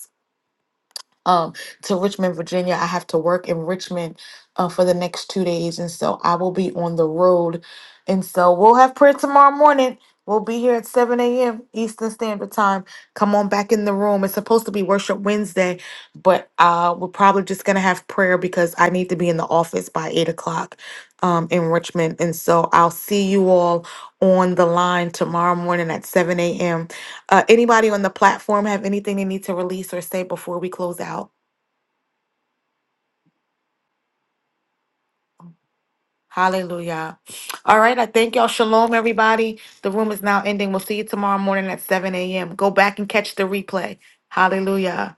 Speaker 1: um, to Richmond, Virginia. I have to work in Richmond uh, for the next two days, and so I will be on the road. And so we'll have prayer tomorrow morning. We'll be here at 7 a.m. Eastern Standard Time. Come on back in the room. It's supposed to be Worship Wednesday, but uh, we're probably just going to have prayer because I need to be in the office by 8 o'clock um, in Richmond. And so I'll see you all on the line tomorrow morning at 7 a.m. Uh, anybody on the platform have anything they need to release or say before we close out? Hallelujah. All right. I thank y'all. Shalom, everybody. The room is now ending. We'll see you tomorrow morning at 7 a.m. Go back and catch the replay. Hallelujah.